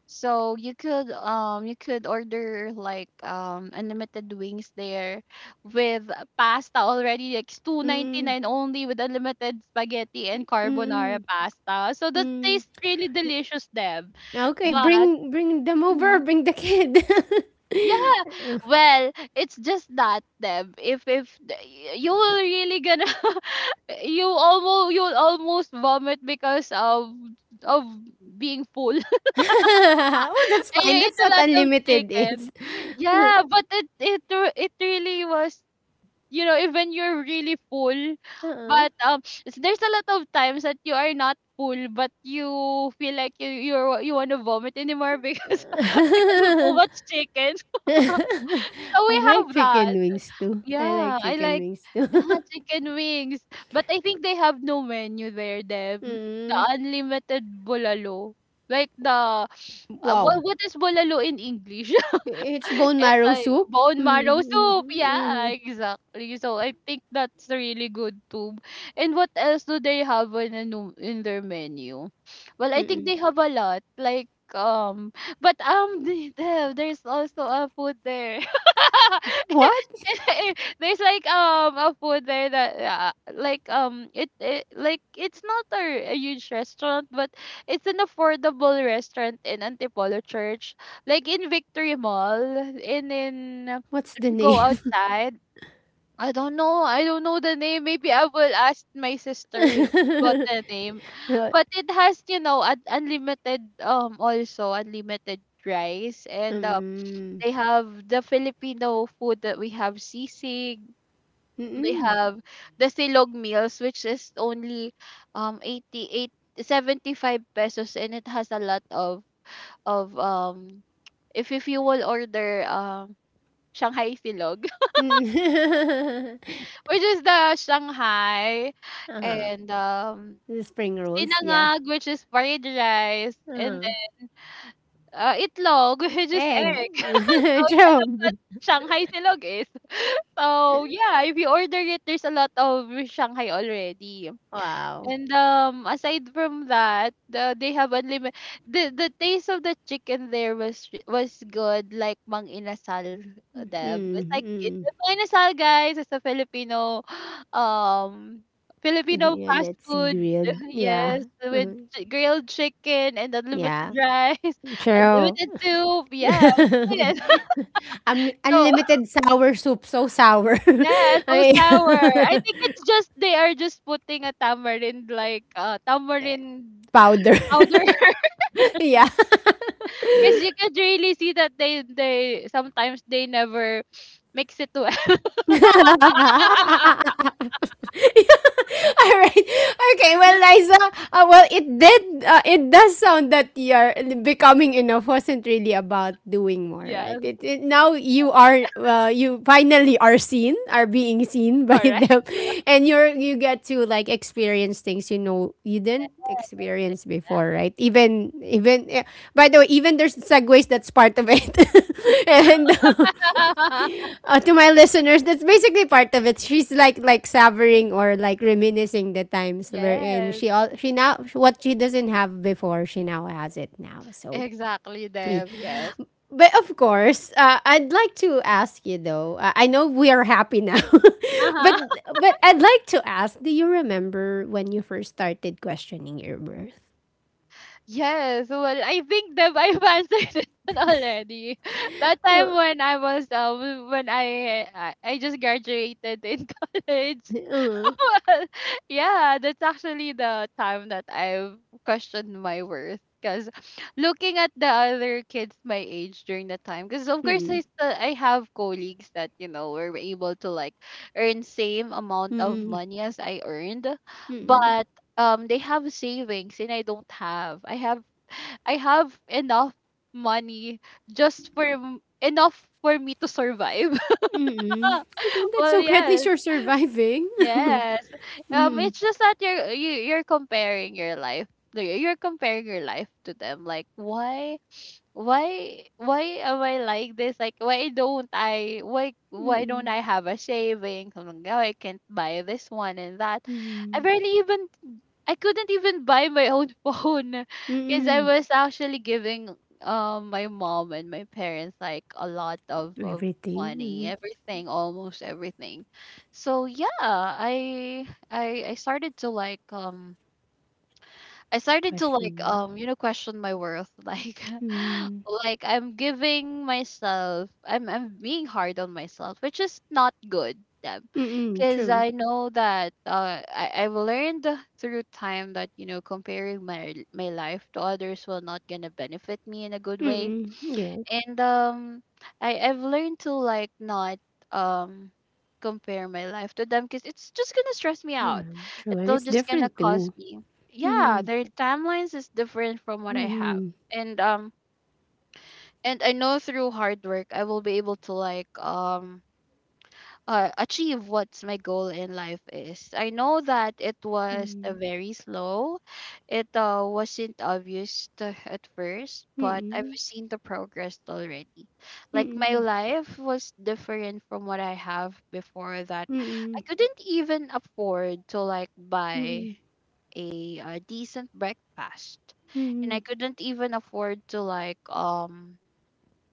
B: So you could um you could order like um unlimited wings there with pasta already like it's
A: Mm.
B: two ninety-nine only with unlimited spaghetti and carbonara
A: Mm.
B: pasta. So that
A: Hmm.
B: tastes really delicious, Deb.
A: Okay,
B: But
A: bring bring them
B: mm-hmm,
A: over, bring the kid. *laughs*
B: yeah, well, it's just that Deb. If if the- y- you will really gonna *laughs* you almost you'll almost vomit because of of being full. *laughs*
A: *laughs* Oh, that's
B: And you
A: fine.
B: eat
A: That's
B: a
A: what
B: lot of
A: unlimited is.
B: chicken.
A: *laughs*
B: Yeah, but it it re- it really was, you know, even you're really full,
A: Uh
B: but um s- there's a lot of times that you are not full but you feel like you you're you want to vomit anymore because *laughs* because of too
A: uh. *laughs*
B: much chicken. *laughs* So we
A: I like
B: have
A: chicken
B: that.
A: wings too. I like
B: Yeah, I
A: chicken
B: like
A: wings too.
B: yeah,
A: *laughs*
B: chicken wings. But I think they have no menu there, Deb. The
A: Mm.
B: unlimited bulalo. Like the uh, what
A: Wow.
B: what is bulalo in English?
A: It's
B: *laughs*
A: bone
B: It's
A: marrow
B: like
A: soup?
B: bone marrow
A: Mm. Mhm.
B: soup. Yeah,
A: Mhm.
B: exactly. So I think that's really good too. And what else do they have in a nu- in their menu? Well, I think
A: Mm.
B: they have a lot. Like um, but um, *laughs* the- there's also a food there.
A: *laughs*
B: *laughs*
A: What?
B: *laughs* There's like um a food there that uh, like um it, it like it's not a, a huge restaurant but it's an affordable restaurant in Antipolo Church like in Victory Mall and in uh,
A: What's
B: if
A: the
B: you go
A: name?
B: outside. I don't know I don't know the name, maybe I will ask my sister about the name,
A: *laughs*
B: but it has, you know, un- unlimited um also unlimited rice and uh,
A: Mm.
B: they have the Filipino food that we have sisig, they
A: Mm.
B: have the silog meals, which is only um eighty eight seventy five pesos and it has a lot of of um if if you will order um Shanghai silog,
A: Mm. *laughs*
B: *laughs* which is the Shanghai,
A: Uh-huh.
B: and um
A: The spring rolls, yeah.
B: sinangag, which is fried rice, and
A: Uh,
B: then uh, itlog, *laughs* which is
A: egg.
B: egg. *laughs* So
A: *laughs*
B: yeah, that's what
A: True.
B: Shanghai silog is. *laughs* So yeah, if you order it, there's a lot of Shanghai already.
A: Wow.
B: And um, aside from that, the, they have unlimited. The the taste of the chicken there was re- was good, like mang inasal them. It's like it's
A: Mm-hmm.
B: a mang inasal, guys. It's a Filipino, *gasps* um, Filipino
A: Yeah,
B: fast
A: that's
B: food.
A: grilled.
B: *laughs* Yes,
A: Yeah.
B: with
A: Mhm.
B: chi- grilled chicken and unlimited
A: Yeah.
B: rice, *laughs*
A: True.
B: unlimited soup. Yeah, that's it. *laughs*
A: Um,
B: So
A: unlimited sour soup. So sour. *laughs*
B: yeah, so
A: Ay,
B: sour. I think it's just they are just putting a tamarind, like uh tamarind
A: *laughs* powder.
B: powder. *laughs*
A: *laughs* Yeah.
B: Because you could really see that they they sometimes they never *sniffs* makes it to *laughs*
A: *laughs* *laughs* All right. Okay. Well, Liza, uh, well, it did. Uh, it does sound that your becoming enough wasn't really about doing more, right?
B: Yes,
A: It, it now you are. Uh, you finally are seen, are being seen *laughs* by them,
B: correct.
A: and you're, you get to like experience things, you know, you didn't experience before, right? Even even eh, by the way, even there's segues that's part of it, *laughs* and uh,
B: Yeah. *laughs*
A: uh, to my *laughs* listeners, that's basically part of it. She's like like savoring or like reminiscing the times wherein
B: Yes,
A: she all she now what she doesn't have before, she now has it now. So.
B: exactly,
A: Yeah.
B: Deb. Yes.
A: But of course, uh, I'd like to ask you though. Uh, I know we are happy now, *laughs* but
B: Uh-huh. *laughs*
A: but I'd like to ask: Do you remember when you first started questioning your worth?
B: Yes. Well, I think Deb, I've answered it *laughs* already. *laughs* That time when I was um when I I, I just graduated in *laughs* college, *laughs*
A: Uh,
B: well, yeah, that's actually the time that I've questioned my worth. Because looking at the other kids my age during that time, because of course I, still, I have colleagues that, you know, were able to like earn same amount of money as I earned, but um they have savings and I don't have. I have I have enough money just for m- enough for me to survive. *laughs*
A: mm-mm. Well, then that's
B: Well,
A: okay. At least
B: yes.
A: you're surviving.
B: Yes. Um, it's just that you're you, you're comparing your life. Like, you're comparing your life to them. Like why why why am I like this? Like why don't I why why don't I have a shaving? Something like, oh, I can't buy this one and that. I barely even I couldn't even buy my own *laughs* phone
A: *laughs*
B: because I
A: Mm-mm.
B: was actually giving um my mom and my parents like a lot of, of
A: Everything.
B: money,
A: Mm.
B: everything, almost everything. So yeah, I I I started to like um I started to like
A: Question.
B: um, you know, question my worth *laughs* like like I'm giving myself, I'm I'm being hard on myself, which is not good
A: Mm,
B: because
A: true.
B: I know that uh, I I've learned through time that, you know, comparing my my life to others will not gonna benefit me in a good way,
A: Mm, yeah,
B: and um I I've learned to like not um compare my life to them because it's just gonna stress me
A: yeah,
B: out.
A: true, and
B: It'll
A: it's
B: just gonna
A: different
B: cause
A: too.
B: me. Yeah,
A: Mhm,
B: their timelines is different from what I have.
A: mhm,
B: And um and I know through hard work I will be able to like um uh, achieve what's my goal in life is. I know that it was uh, very slow. It uh, wasn't obvious to, at first, but I've
A: mm,
B: seen the progress already.
A: mm,
B: Like my
A: mm,
B: life was different from what I have before that. I
A: mm,
B: couldn't even afford to like
A: mm,
B: buy
A: mm,
B: a, a decent breakfast.
A: mm,
B: And I
A: mm,
B: couldn't even afford to like um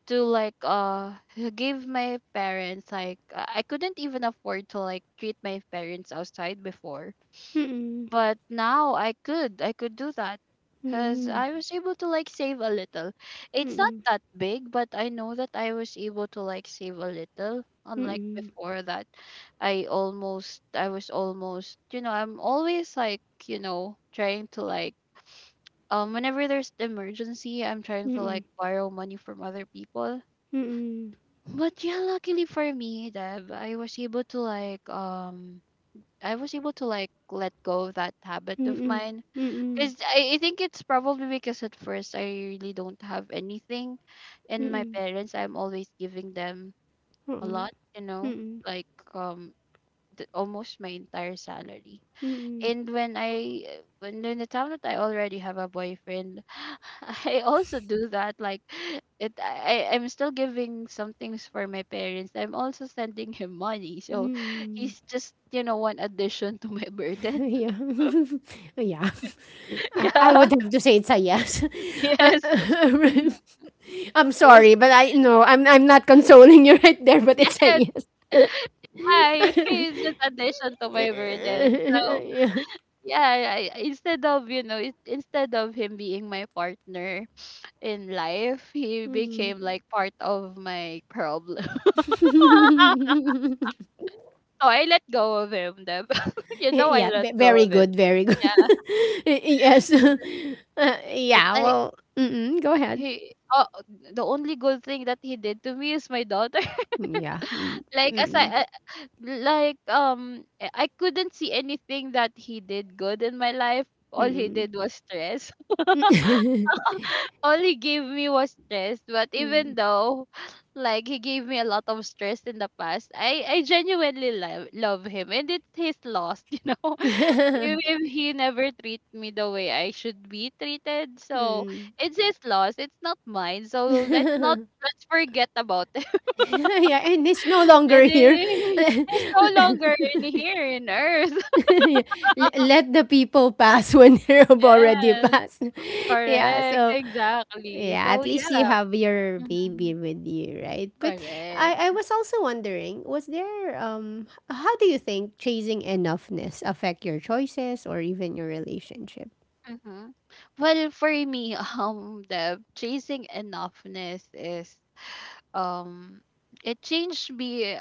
B: to like uh *laughs* give my parents like uh, I couldn't even afford to like treat my parents outside before,
A: mm,
B: but now I could I could do that
A: mm,
B: because
A: mm,
B: I was able to like save a little. It's not that big, but I know that I was able to like save a little. Unlike before that, I almost I was almost, you know, I'm always like, you know, trying to like um whenever there's emergency I'm trying to like borrow money from other people, but yeah, luckily for me, Deb, I was able to like um I was able to like let go of that habit of mine.
A: mm,
B: Cause I, I think it's probably because at first I really don't have anything and my
A: mm,
B: parents I'm always giving them a
A: oo,
B: lot, you know,
A: mm,
B: like um the, almost my entire salary.
A: mm.
B: And when I uh, when in the time that I already have a boyfriend, *laughs* I also do that. Like it, I I- am still giving some things for my parents. I'm also sending him money, so he's just, you know, one addition to my
A: *laughs*
B: burden.
A: Yeah. *laughs* Yeah.
B: *laughs*
A: I I
B: Yeah.
A: would have to say it's a yes. *laughs* Uh,
B: Yes.
A: *laughs*
B: Mhm.
A: I'm
B: I was.
A: sorry, but I no, I'm I'm not consoling you *laughs* right there, but it's a
B: Yes.
A: yes.
B: I *laughs* he's just addition to
A: *laughs*
B: my burden. So
A: Yeah.
B: yeah, I, I- instead of, you know, it, instead of him being my partner in life, he became like part of my problem. *laughs* Ah, so I let go of him. Deb. *laughs*
A: *laughs*
B: You know, I
A: Yeah,
B: let
A: ve-
B: go
A: very
B: of him.
A: good, very good.
B: Yeah,
A: *laughs* Yes.
B: it's,
A: *laughs* Uh,
B: it's
A: yeah,
B: like
A: well, mm-mm, go ahead.
B: he. Oh, the only good thing that he did to me is my daughter. *laughs*
A: Yeah. Mm.
B: Like as
A: Mm,
B: I, I- like um, I I couldn't see anything that he did good in my life. All he
A: mm,
B: did was stress. All he gave me was stress, but even though *laughs* *sighs* like he gave me a lot of stress in the past, i i genuinely love, love him, and it's his loss. *laughs* You know,
A: *laughs*
B: if, if he never treat me the way I should be treated, so
A: mm.
B: it's his loss, it's not mine. So let's not let's forget about it.
A: *laughs* Yeah, and it's no
B: *laughs*
A: longer
B: And
A: here.
B: it,
A: *laughs*
B: it's no longer in here in earth. *laughs*
A: Yeah, l- let the people pass when *laughs* they have already
B: Yes,
A: passed. *laughs* Yeah,
B: correct,
A: so
B: exactly,
A: yeah,
B: so
A: at least you
B: yeah.
A: have your baby
B: Mhm.
A: with you, right? But I, I
B: Correct.
A: was also wondering, was there um h- how do you think chasing enoughness affect your choices or even your relationship?
B: Mm-hmm. Well, for me, *laughs* um, the chasing enoughness is um, it changed me,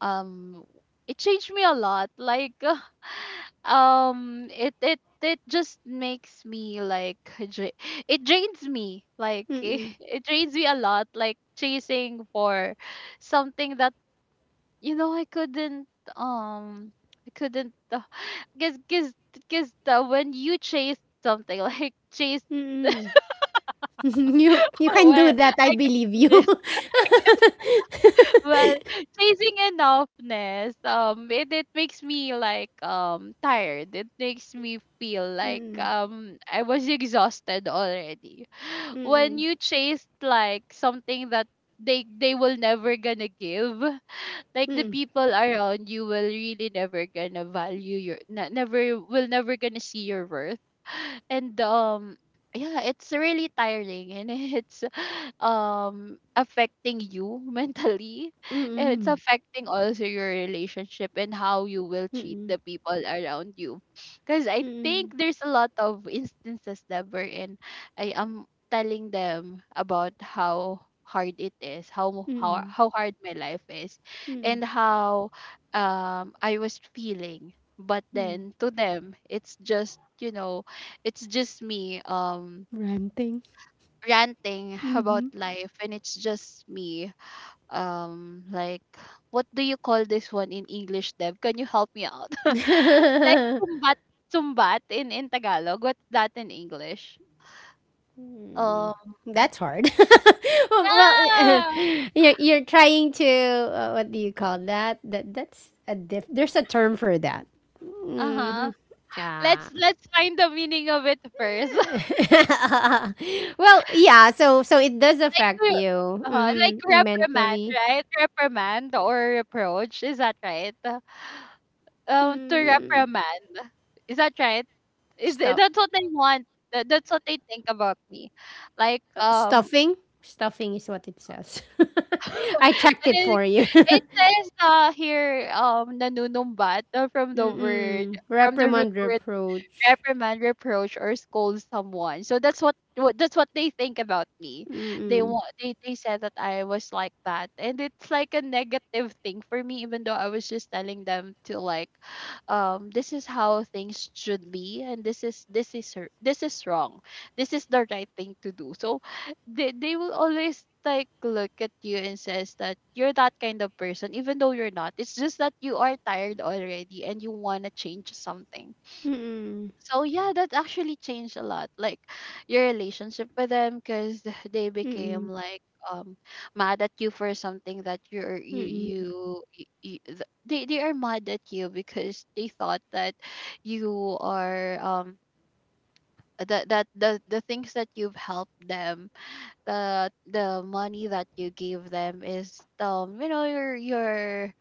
B: um, it changed me a lot. Like, *laughs* um, it it it just makes me like dra- it drains me. Like, *laughs* it,
A: Mm-mm.
B: it drains me a lot. Like chasing for something that, you know, I couldn't um I couldn't, because because because when you chase something *laughs* like chase
A: Mm-mm. *laughs* you
B: *laughs*
A: you
B: Oh,
A: can do
B: well,
A: that, I
B: I can
A: believe you.
B: do this. *laughs* I
A: *laughs*
B: can do- well, chasing enoughness, um, it, it makes me like um tired. It makes me feel like um I was exhausted already. When you chase like something that they they will never gonna give, like the people around you will really never gonna value your ne- never will never gonna see your worth. And um, yeah, it's really tiring and *laughs* it's um affecting you *laughs* mentally, and it's
A: Mm-mm.
B: affecting also your relationship and how you will treat
A: Mm-mm.
B: the people around you. Because I think
A: Mm-mm.
B: there's a lot of instances that we're in, I am telling them about how hard it is, how how
A: Mm-mm.
B: how hard my life is,
A: Mm-mm.
B: and how um I was feeling. But then to them it's just, you know, it's just me um
A: Ranting.
B: ranting *laughs* about life, and it's just me um like, what do you call this one in English, Deb, can you help me out? *laughs* Like sumbat, sumbat in in Tagalog, what's that in English? Um,
A: That's hard. *laughs* Well,
B: yeah.
A: *laughs* you're you're trying to, uh, what do you call that? That that's a diff. There's a term for that. Mm-hmm.
B: Uh-huh.
A: Yeah.
B: let's let's find the meaning of it first. *laughs*
A: *laughs* Well, yeah. So so it does
B: Like
A: affect
B: to-
A: you,
B: uh-huh, like
A: mm-hmm,
B: reprimand,
A: mentally.
B: right? Reprimand or reproach, is that right? Um, to
A: Mm.
B: reprimand. Is that right? Is th-
A: Stuff,
B: that's what they want. That, that's what they think about me. Like
A: uh,
B: um,
A: stuffing. Stuffing is what it says. *laughs* I checked
B: and
A: it
B: then
A: for you.
B: it
A: *laughs*
B: says uh here um nanunumbat, uh, from the word,
A: Mm-mm.
B: from the root
A: Reprimand,
B: word,
A: reproach.
B: reprimand, reproach, or scold someone. So that's what, what that's what they think about me. They
A: Mm-mm.
B: want they they said that I was like that, and it's like a negative thing for me, even though I was just telling them to, like, um, this is how things should be, and this is this is r- this is wrong, this is the right thing to do. So they they will always, like, look at you and says that you're that kind of person, even though you're not. It's just that you are tired already and you want to change something,
A: Mm-mm.
B: so yeah, that actually changed a lot, like your relationship with them, because *laughs* they
A: Mm-mm.
B: became, like, um mad at you for something that, you're you you,
A: Mm-mm.
B: you, you th- they they are mad at you because they thought that you are um that that the the things that you've helped them, the the money that you gave them is, um you know your your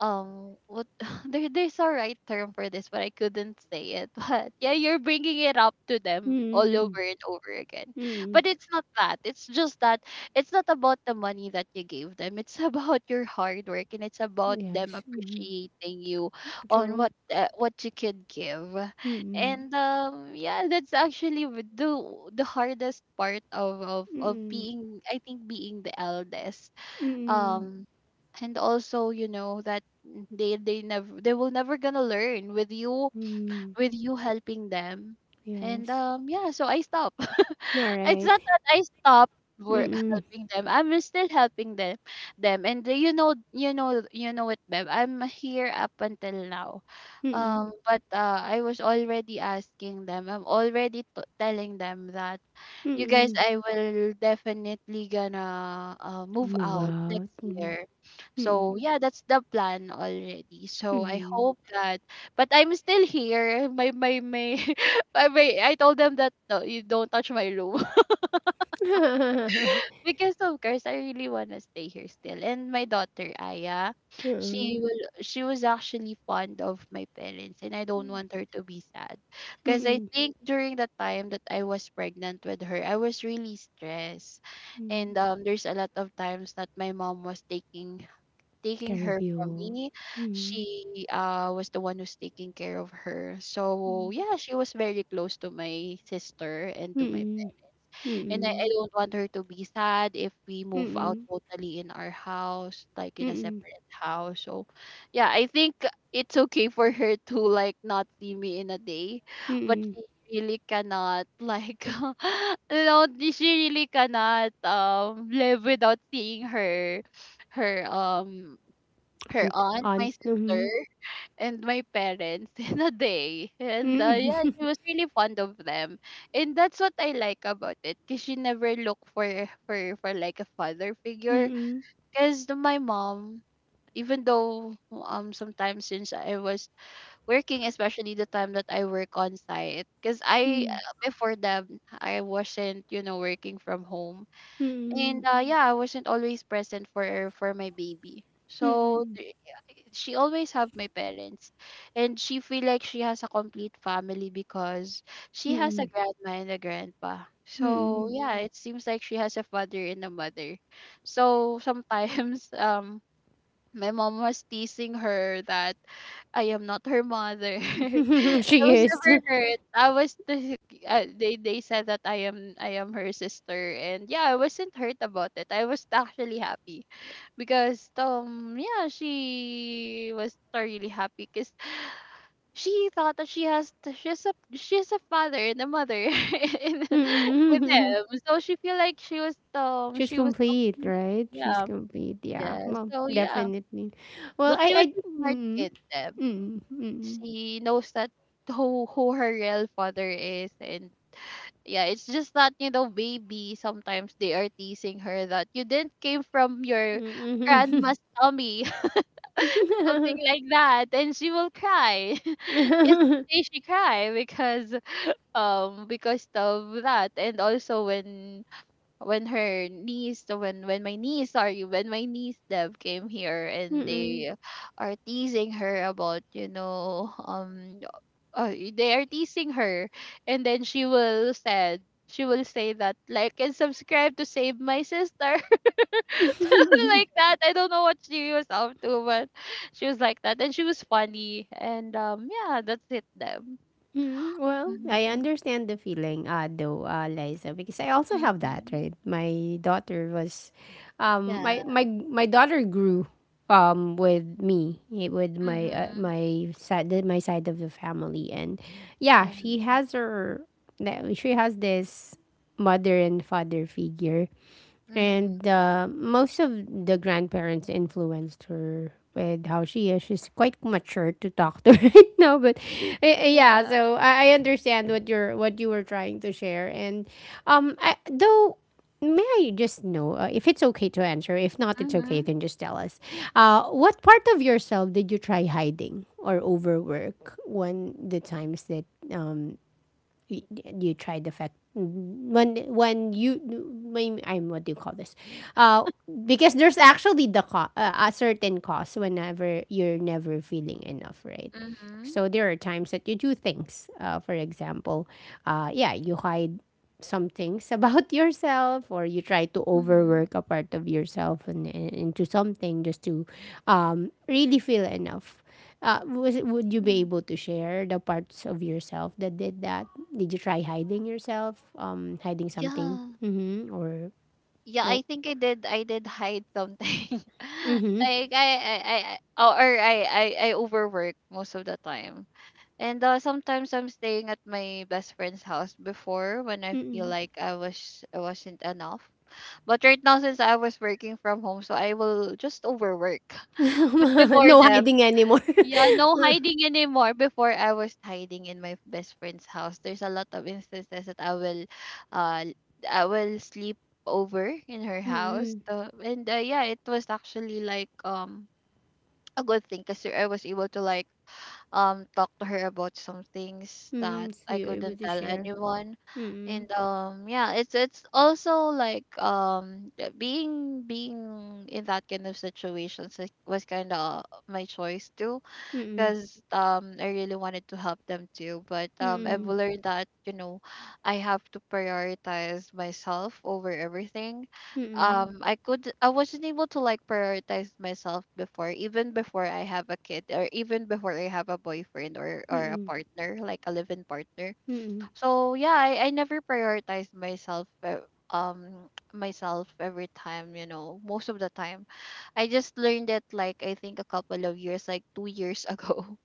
B: um what, *laughs* there there's a right term for this, but I couldn't say it. *laughs* But yeah, you're bringing it up to them all
A: Mm,
B: over and over again.
A: mm, mm.
B: But it's not that, it's just that, it's not about the money that you gave them, it's *laughs* about your hard work, and it's about them
A: Yes. Mhm.
B: appreciating you on
A: True.
B: what uh, what you could give.
A: Mm,
B: And um yeah, that's actually w- the the hardest part of of
A: mm,
B: of
A: mm,
B: being, I think, being the eldest.
A: mm,
B: um and also, you know that, they they never they will never gonna learn with you,
A: mm.
B: with you helping them. and
A: Yes.
B: um yeah, so I stop. *laughs* It's
A: Alright.
B: not that I stop were
A: Mm,
B: helping them, I'm still helping them them and they- you know you know you know it, Bev. I'm here up until now.
A: mm, mm,
B: Um but uh, I was already asking them, I'm already t- telling them that, you guys,
A: mm.
B: I will definitely gonna uh, move
A: Move
B: out next
A: out. Mm,
B: year. So
A: mm,
B: yeah, that's the plan already. So I hope that. But I'm still here. My my my, *laughs* my, my I told them that no, you don't touch my room.
A: mm.
B: Because, of course, I really wanna stay here still. And my daughter, Aya, she
A: *laughs*
B: will she was actually fond of my parents, and I don't want her to be sad.
A: Mm,
B: Cause I
A: mm.
B: think during the time that I was pregnant with her, I was really stressed. And um there's a lot of times that my mom was taking taking
A: Care
B: her
A: of
B: from
A: you.
B: me.
A: Mm,
B: She uh was the one who's taking care of her. So yeah, she was very close to my sister, and to my
A: mm,
B: and I, I
A: mm,
B: don't want her to be sad if we move out
A: mm,
B: totally in our house, like in a
A: mm,
B: separate house. So, yeah, I think it's okay for her to, like, not see me in a day, but
A: mm.
B: she really cannot, like, *laughs* you know, she really cannot um live without seeing her, her um her
A: Aunt,
B: aunt, my
A: aunt.
B: sister,
A: Mm,
B: and my parents, *laughs* in a day. And uh, yeah,
A: mm, *laughs*
B: she *laughs* was really fond of them, and that's what I like about it, cause she never looked for for for, like, a father figure.
A: mm,
B: Cause my mom, even though um sometimes, since I was working, especially the time that I work on site, cause I,
A: mm,
B: uh, before that, I wasn't, you know, working from home,
A: mm,
B: and
A: mm,
B: uh, yeah, I wasn't always present for for my baby. So
A: mm.
B: she always have my parents, and she feel like she has a complete family because she has a
A: Mm. *laughs*
B: grandma and a grandpa, so
A: Mm.
B: yeah. Mm. It seems like she has a father and a mother. So sometimes *laughs* um my mom was teasing her that I am not her mother. *laughs*
A: *laughs*
B: I
A: She
B: was
A: is.
B: never
A: *laughs*
B: hurt. I was the, uh, they they said that I am I am her sister, and yeah, I wasn't hurt about it. I was actually happy, because um yeah, she was really happy because she thought that she has t- she has a she has a father and a mother, *laughs* in, with
A: Mm.
B: them. So she feel like she was
A: *laughs*
B: um
A: She's
B: she was
A: complete,
B: complete.
A: right? She's
B: Yeah.
A: complete. Yeah.
B: Yeah.
A: Well,
B: So yeah.
A: definitely. Well,
B: But
A: I
B: she was
A: I
B: a smart
A: mm.
B: kid. Um,
A: Mm.
B: she knows that *laughs* who who her real father is, and yeah, it's just that, you know, baby. Sometimes they are teasing her that you didn't came from your
A: Mm.
B: grandma's tummy, *laughs* something like that, and she will cry. *laughs*
A: Mm.
B: Yesterday she cried because um because of that, and also when when her niece, when when my niece, sorry, when my niece Deb came here, and
A: Mm.
B: they are teasing her about, you know, um uh, they are teasing her. And then she will said she will say that, like and subscribe to save my sister, *laughs* something
A: *laughs*
B: like
A: *laughs*
B: that. I don't know what she was up to, but she was like that, and she was funny. And um yeah, that's it, Deb.
A: Mm, well, I
B: Hmm.
A: understand the feeling, uh, though, uh, Liza, because I also have that,
B: Mm-hmm.
A: right? My daughter was, um,
B: Yeah.
A: my my my daughter grew, um, with me, eh, with my uh,
B: Mm-hmm.
A: my side the- my side of the family, and yeah,
B: Yeah.
A: she has her, that- she has this mother and father figure,
B: Mm-hmm.
A: and uh, most of the grandparents influenced her with how she is. She's quite mature to talk to *laughs* right now, but eh, eh, yeah.
B: Yeah.
A: So I, I understand what you're what you were trying to share. And um, I, though, may I just know uh, if it's okay to answer? If not, it's okay. You
B: Mm-hmm.
A: can just tell us. Uh, what part of yourself did you try hiding or overwork when the times that um you, you try the fact when when you when I'm what do you call this uh because there's actually the co- uh, a certain cost whenever you're never feeling enough, right?
B: Mhm,
A: So there are times that you do things, uh, for example, uh yeah, you hide some things about *laughs* yourself, or you try to
B: mhm,
A: overwork a part of yourself and, and into something just to um, really feel enough. uh, was it, would you be
B: mhm.
A: able to share the parts of yourself that did that? Did you try hiding yourself, um, hiding something?
B: Yeah.
A: Mm-hmm. Or
B: Yeah,
A: oh,
B: I think I did I did hide something. *laughs* Like, I I I I- or or I I I overwork most of the time. And uh, sometimes I'm staying at my best friend's house before, when I feel
A: mm-mm.
B: like I was I wasn't enough. But right now, since I was working from home, so I will just overwork. *laughs* But
A: *laughs*
B: before
A: No
B: that.
A: hiding anymore.
B: Yeah,
A: *laughs*
B: no hiding anymore. Before, I was hiding in my best friend's house. There's a lot of instances that I will uh I will sleep over in her house.
A: Mm-mm.
B: So, and uh, yeah, it was actually, like, um a good thing, because I was able to, like, um talk to her about some things that
A: Mm-mm. So
B: I
A: you're able
B: couldn't
A: to
B: tell
A: share.
B: anyone.
A: Mm-mm.
B: And um yeah, it's it's also, like, um uh, being being in that kind of situations, like, was kind of my choice too,
A: Mm-mm.
B: because um I really wanted to help them too. But um I've
A: Mm-mm.
B: learned that, you know, I have to prioritize myself over everything.
A: Mm-mm.
B: Um, I could, I wasn't able to, like, prioritize myself before, even before I have a kid, or even before I have a boyfriend, or or a
A: Mm-mm.
B: partner, like a live-in partner,
A: Mm-mm.
B: so yeah, I, I never prioritize myself, uh, um *tsk* myself every time, you know, most of the time. I just learned it, like, I think a couple of years, like two years *laughs* ago.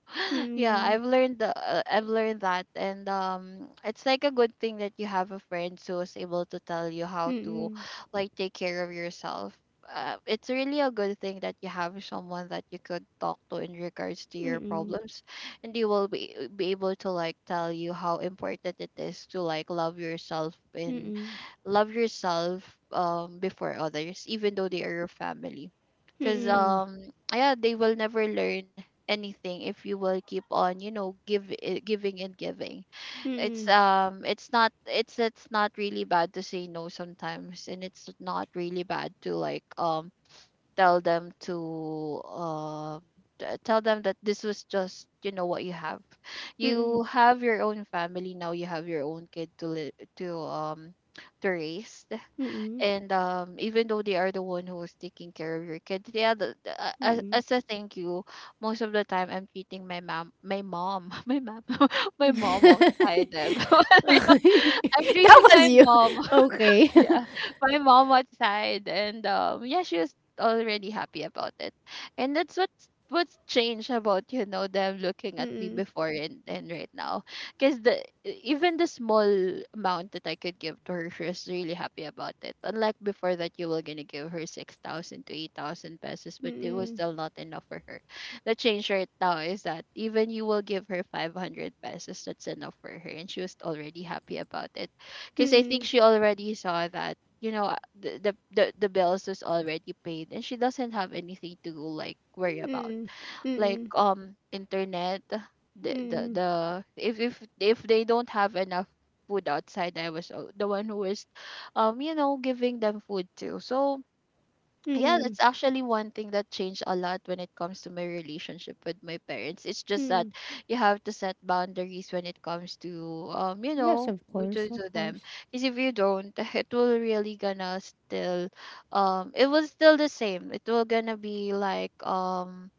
B: Yeah,
A: Mm-mm.
B: I've learned the uh, I've learned that. And um, it's like a good thing that you have a friend who is able to tell you how to,
A: Mm-mm.
B: like, take care of yourself. Uh, it's really a good thing that you have someone that you could talk to in regards to your
A: Mm,
B: problems, and they will be, uh, be able to, like, tell you how important it is to, like, love yourself, and
A: mm,
B: love yourself um before others, even though they are your family, because
A: mm,
B: um yeah, they will never learn anything if you will keep on, you know, give i- giving and giving.
A: mm,
B: it's
A: mm,
B: um it's not it's it's not really bad to say no sometimes, and it's not really bad to, like, um tell them to, uh, t- tell them that, this was just, you know, what you have, you have your own family now, you have your own kid to li- to um to raise.
A: mm,
B: And um even though they are the one who is taking care of your kid, yeah, the, the, uh, as,
A: mm.
B: as a thank you, most of the time I'm treating my mom my mom, *laughs* my mom, *laughs* my mom outside them,
A: *laughs*
B: *laughs* I'm
A: That
B: treating
A: was
B: my
A: you.
B: mom,
A: Okay.
B: *laughs* yeah,
A: *laughs*
B: my mom outside. And um yeah, she was already happy about it, and that's what's what's changed about, you know, them looking at me
A: Mm,
B: before, and, and right now. Because the even the small amount that I could give to her, she was really happy about it, unlike before, that you were gonna give her six thousand to eight thousand pesos, but it was
A: mm,
B: still not enough for her. The change right now is that even you will give her five hundred pesos, that's enough for her, and she was already happy about it, because I think
A: mm,
B: she already saw that, you know, uh, the, the the the bills is already paid, and she doesn't have anything to, like, worry about,
A: mm,
B: like,
A: mm,
B: um internet. The the,
A: mm,
B: the if if if they don't have enough food outside, I was uh, the one who was, um you know, giving them food too. So yeah,
A: mm,
B: that's actually one thing that changed a lot when it comes to my relationship with my parents. It's just that
A: mm.
B: you have to set boundaries when it comes to, um, you
A: Yes,
B: know,
A: of
B: w-
A: course,
B: to,
A: of
B: to them.
A: course.
B: Because if you don't, *laughs* it will really gonna still um it will still the same. It will gonna be, like, um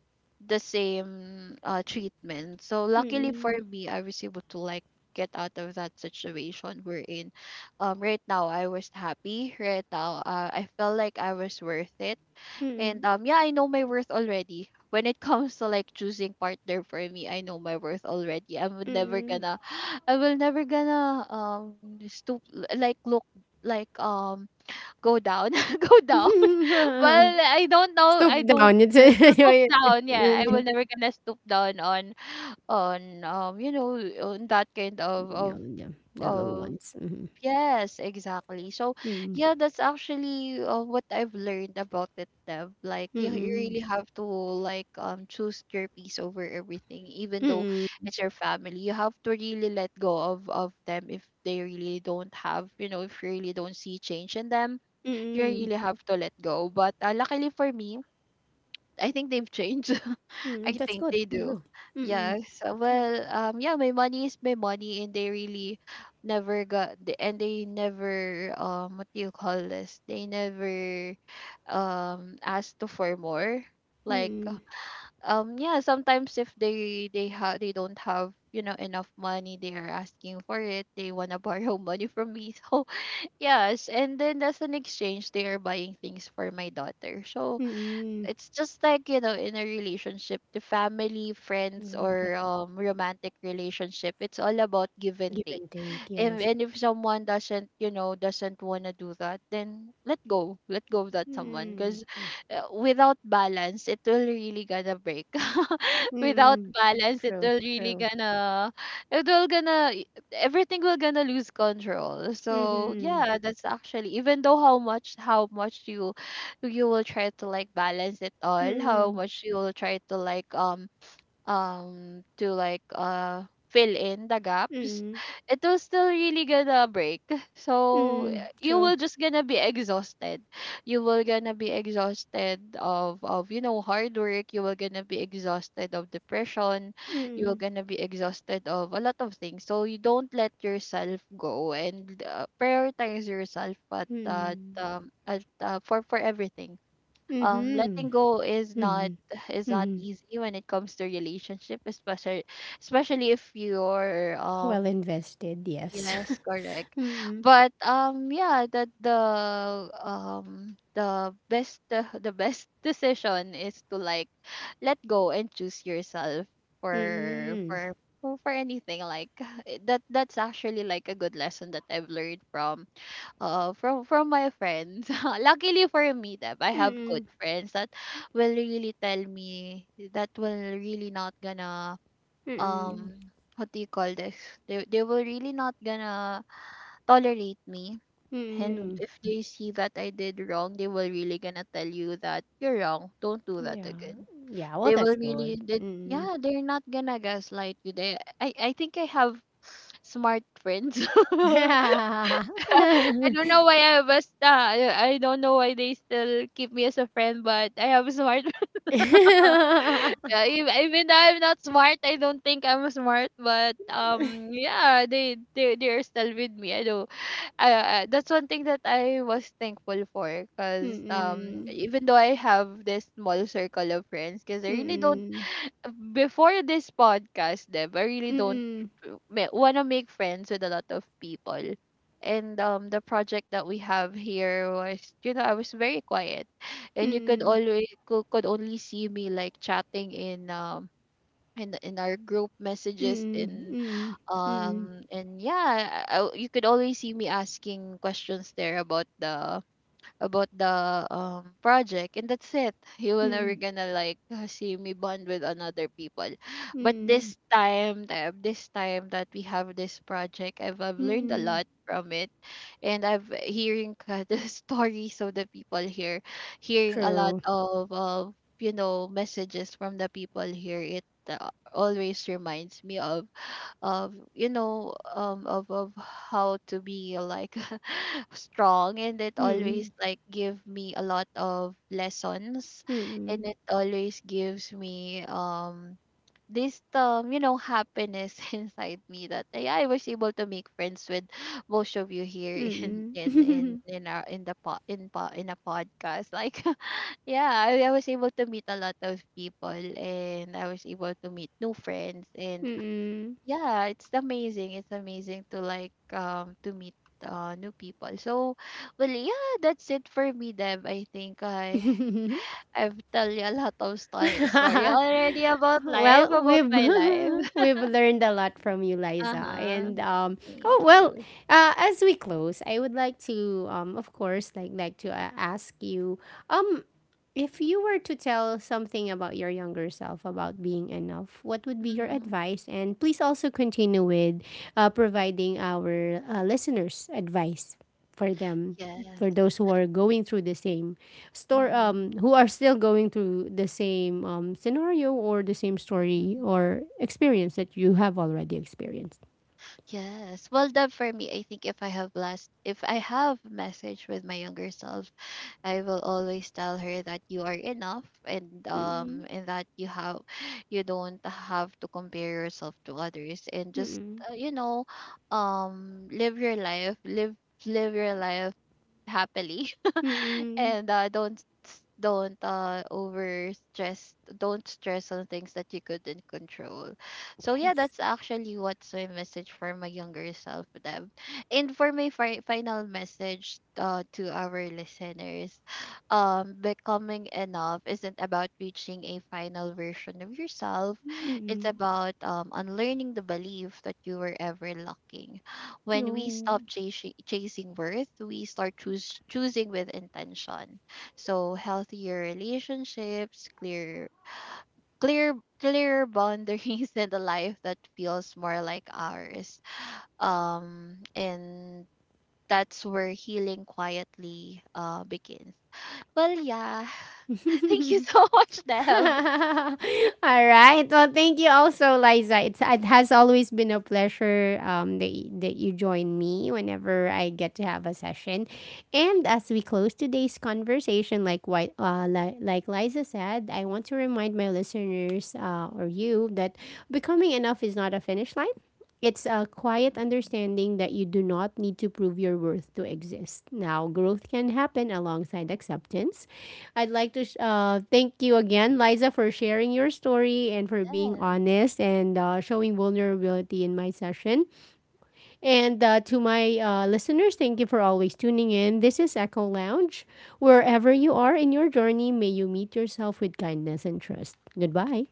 B: the same uh treatment. So luckily for
A: Mm,
B: me, I was able to, like, get out of that situation we're in. Um right now, I was happy right now. Uh, i felt like I was worth it. And
A: mm,
B: um yeah, I know my worth already. When it *laughs* comes to like choosing partner for me, I know my worth already. I'm never
A: mm.
B: gonna *gasps* *sighs* I will never gonna um stoop like look like um go down *laughs* go down. *laughs* Well,
A: *laughs*
B: I don't know.
A: Stoop
B: I don't
A: down. It's a,
B: uh,
A: *laughs*
B: stoop
A: yeah,
B: down. Yeah, I
A: yeah,
B: will never gonna stoop down on on um you know on that kind of of
A: yeah, the low
B: of
A: ones. Mm,
B: Yes, exactly. So,
A: mm,
B: yeah, that's actually uh, what I've learned about it, Deb. Like, you, you
A: mm,
B: really have to like um choose your peace over everything, even though
A: mm,
B: it's your family. You have to really let go of of them if they really don't have, you know, if you really don't see change in them, you
A: mm,
B: really have to let go. But uh, luckily for me, I think they've changed. *laughs*
A: mm.
B: I
A: That's
B: think
A: good.
B: they do.
A: Mhm.
B: Yes. uh, Well, um, yeah, my money is my money, and they really never got, the- and they never, um, what do you call this? They never, um, asked to for more. Like,
A: Mm,
B: um, yeah, sometimes if they they have they don't have you know enough money, they are asking for it. They wanna *laughs* borrow money from me. *laughs* So yes, and then as an exchange, they are buying things for my daughter. So
A: mm.
B: it's just like you know in a relationship the family friends
A: Mm, yeah.
B: or um romantic relationship it's all about give and
A: Give
B: take
A: and take,
B: if,
A: yes.
B: and if someone doesn't, you know, doesn't want to do that, then let go. Let go of that someone.
A: Mm-mm.
B: Because uh, without balance, it will really gonna break. *laughs* Without
A: Mm-mm.
B: balance, it
A: True,
B: will really
A: true.
B: gonna, it will gonna, y- everything will gonna lose control. So
A: Mm-hmm.
B: yeah, that's actually, even though how much, how much you, you will try to like balance it all, how
A: Mm-mm.
B: much you will try to like, um, um to like uh fill in the gaps.
A: Mm-mm.
B: *laughs* It will still really gonna break, so uh,
A: Mm-mm.
B: you
A: True.
B: will just gonna be exhausted, you will gonna be exhausted of of you know hard work, you will gonna be exhausted of depression, you will
A: Mm-mm.
B: gonna be exhausted of a lot of things, so you don't let yourself go and uh, prioritize yourself at that
A: Mm-mm.
B: um at uh, for for everything. Um
A: Mm-hmm.
B: letting go is not
A: Mm-hmm.
B: is not
A: Mm-hmm.
B: easy when it comes to relationship, especially especially if you're
A: Well
B: um
A: invested, yes.
B: yes correct.
A: *laughs* Mm-mm.
B: But um yeah, that the the um the best *laughs* uh, the best decision is to like let go and choose yourself, for
A: Mm-mm.
B: for for for anything like *sighs* that that's actually like a good lesson that I've learned from uh, from from my friends. *laughs* Luckily for me, that I have
A: Mm-mm.
B: good friends that will really tell me, that will really not gonna
A: Mm-mm.
B: um what do you call this? They they will really not gonna tolerate me. And
A: Mm-mm.
B: if they see that I did wrong, they will really gonna tell you that you're wrong. Don't do that
A: Yeah.
B: again.
A: Yeah, well,
B: They
A: that's
B: will really
A: good.
B: did,
A: Mm-mm.
B: yeah, they're not gonna gaslight you. They I, I think I have smart friends. *laughs* *laughs* I don't know
A: *laughs*
B: why I was uh, I I don't know why they still keep me as a friend, but I have a smart. *laughs*
A: Mm-mm.
B: Yeah, ev- even though I'm not smart, I don't think I'm smart, but um, yeah, they they they are still with me. I do. I, I, that's one thing that I was thankful for, cause um,
A: Mm-mm.
B: even though I have this small circle of friends, cause I really don't
A: Mm-mm.
B: before this podcast, Deb, I really don't
A: Mm-mm.
B: want to make friends with a lot of people. And um, the project that we have here was, you know, I was very quiet, and you could
A: *laughs*
B: always could, could only see me like chatting in um in in our group messages
A: Mm,
B: and
A: mm, mm,
B: um and yeah, I, I- you could always see me asking questions there about the about the um project, and that's it. You will never
A: mm,
B: gonna like uh, see me bond with another people. But
A: mm,
B: this time th- this time that we have this project, i've, I've learned a
A: mm.
B: lot from it. And I've hearing uh, *laughs* the stories of the people here, hearing a lot
A: True.
B: of of you know messages from the people here, it uh, always reminds me of of you know um of of how to be like *laughs* strong, and it always
A: Mm,
B: like give me a lot of lessons, and
A: mm,
B: it always gives me um this um you know happiness *laughs* inside me that yeah, I was able to make friends with most of you here *laughs* in
A: mm,
B: in in
A: mm,
B: in our in the po- in po- in a podcast like. *laughs* Yeah, I, I was able to meet a lot of people and I was able to meet new friends. And
A: *laughs*
B: yeah, it's amazing. It's amazing to like um to meet uh new people. So, well, yeah, that's it for me, Deb. I think I I've tell you a lot of stories. Sorry
A: mm. *laughs*
B: already about life,
A: Well,
B: about
A: we've
B: my life.
A: *laughs*
B: *laughs*
A: we've learned a lot from you,
B: Uh
A: Liza.
B: huh.
A: And um, oh
B: Thank
A: well,
B: you.
A: uh, as we close, I would like to um, of course, like like to uh, ask you, um, if you were to tell something about your younger self about being enough, what would be your
B: Hmm.
A: advice? And please also continue with uh, providing our uh, listeners advice for them,
B: Yes.
A: for those who are going through the same store, um
B: Mm-hmm.
A: who are still going through the same um scenario or the same story
B: Mm-hmm.
A: or experience that you have already experienced.
B: Yes. Well, that for me, I think if I have last, if I have message with my younger self, I will always tell her that you are enough, and
A: Mm-mm,
B: um and that you have you don't have to compare yourself to others, and just
A: mm-mm,
B: uh, you know um live your life live live your life happily. *laughs*
A: mm-mm.
B: And uh, don't s- don't uh over stress, don't stress on things that you couldn't control. So yeah,
A: Yes.
B: that's actually what's my message for my younger self, Deb. And for my fi- final message uh, to our listeners, *sighs* um becoming enough isn't about reaching a final version of yourself. It's
A: Mm-mm.
B: about um unlearning the belief that you were ever lacking. When we
A: No.
B: stop chasing, chasing worth, we start choose, choosing with intention. So healthier relationships, clear clear clear boundaries *laughs* and a life that feels more like ours. Um and that's where healing quietly uh begins. Well, yeah.
A: *laughs* *laughs* All
B: *laughs* Thank you so *laughs* much, Deb.
A: right. Well, thank you also, Liza. It's, it has always been a pleasure um that y- that you join me whenever I get to have a session. And as we close today's conversation, like what uh li- like Liza said, I want to remind my listeners, uh, or you, that becoming enough is not a finish line. It's a
B: Mhm.
A: quiet understanding that you do not need to prove your worth to exist. Now, growth can happen alongside acceptance. I'd like to sh- uh, thank you again, Liza, for sharing your story and for being
B: Yes.
A: honest and, uh, showing vulnerability in my session. And uh, to my uh, listeners, thank you for always tuning in. This is Echo Lounge. Wherever you are in your journey, may you meet yourself with kindness and trust. Goodbye.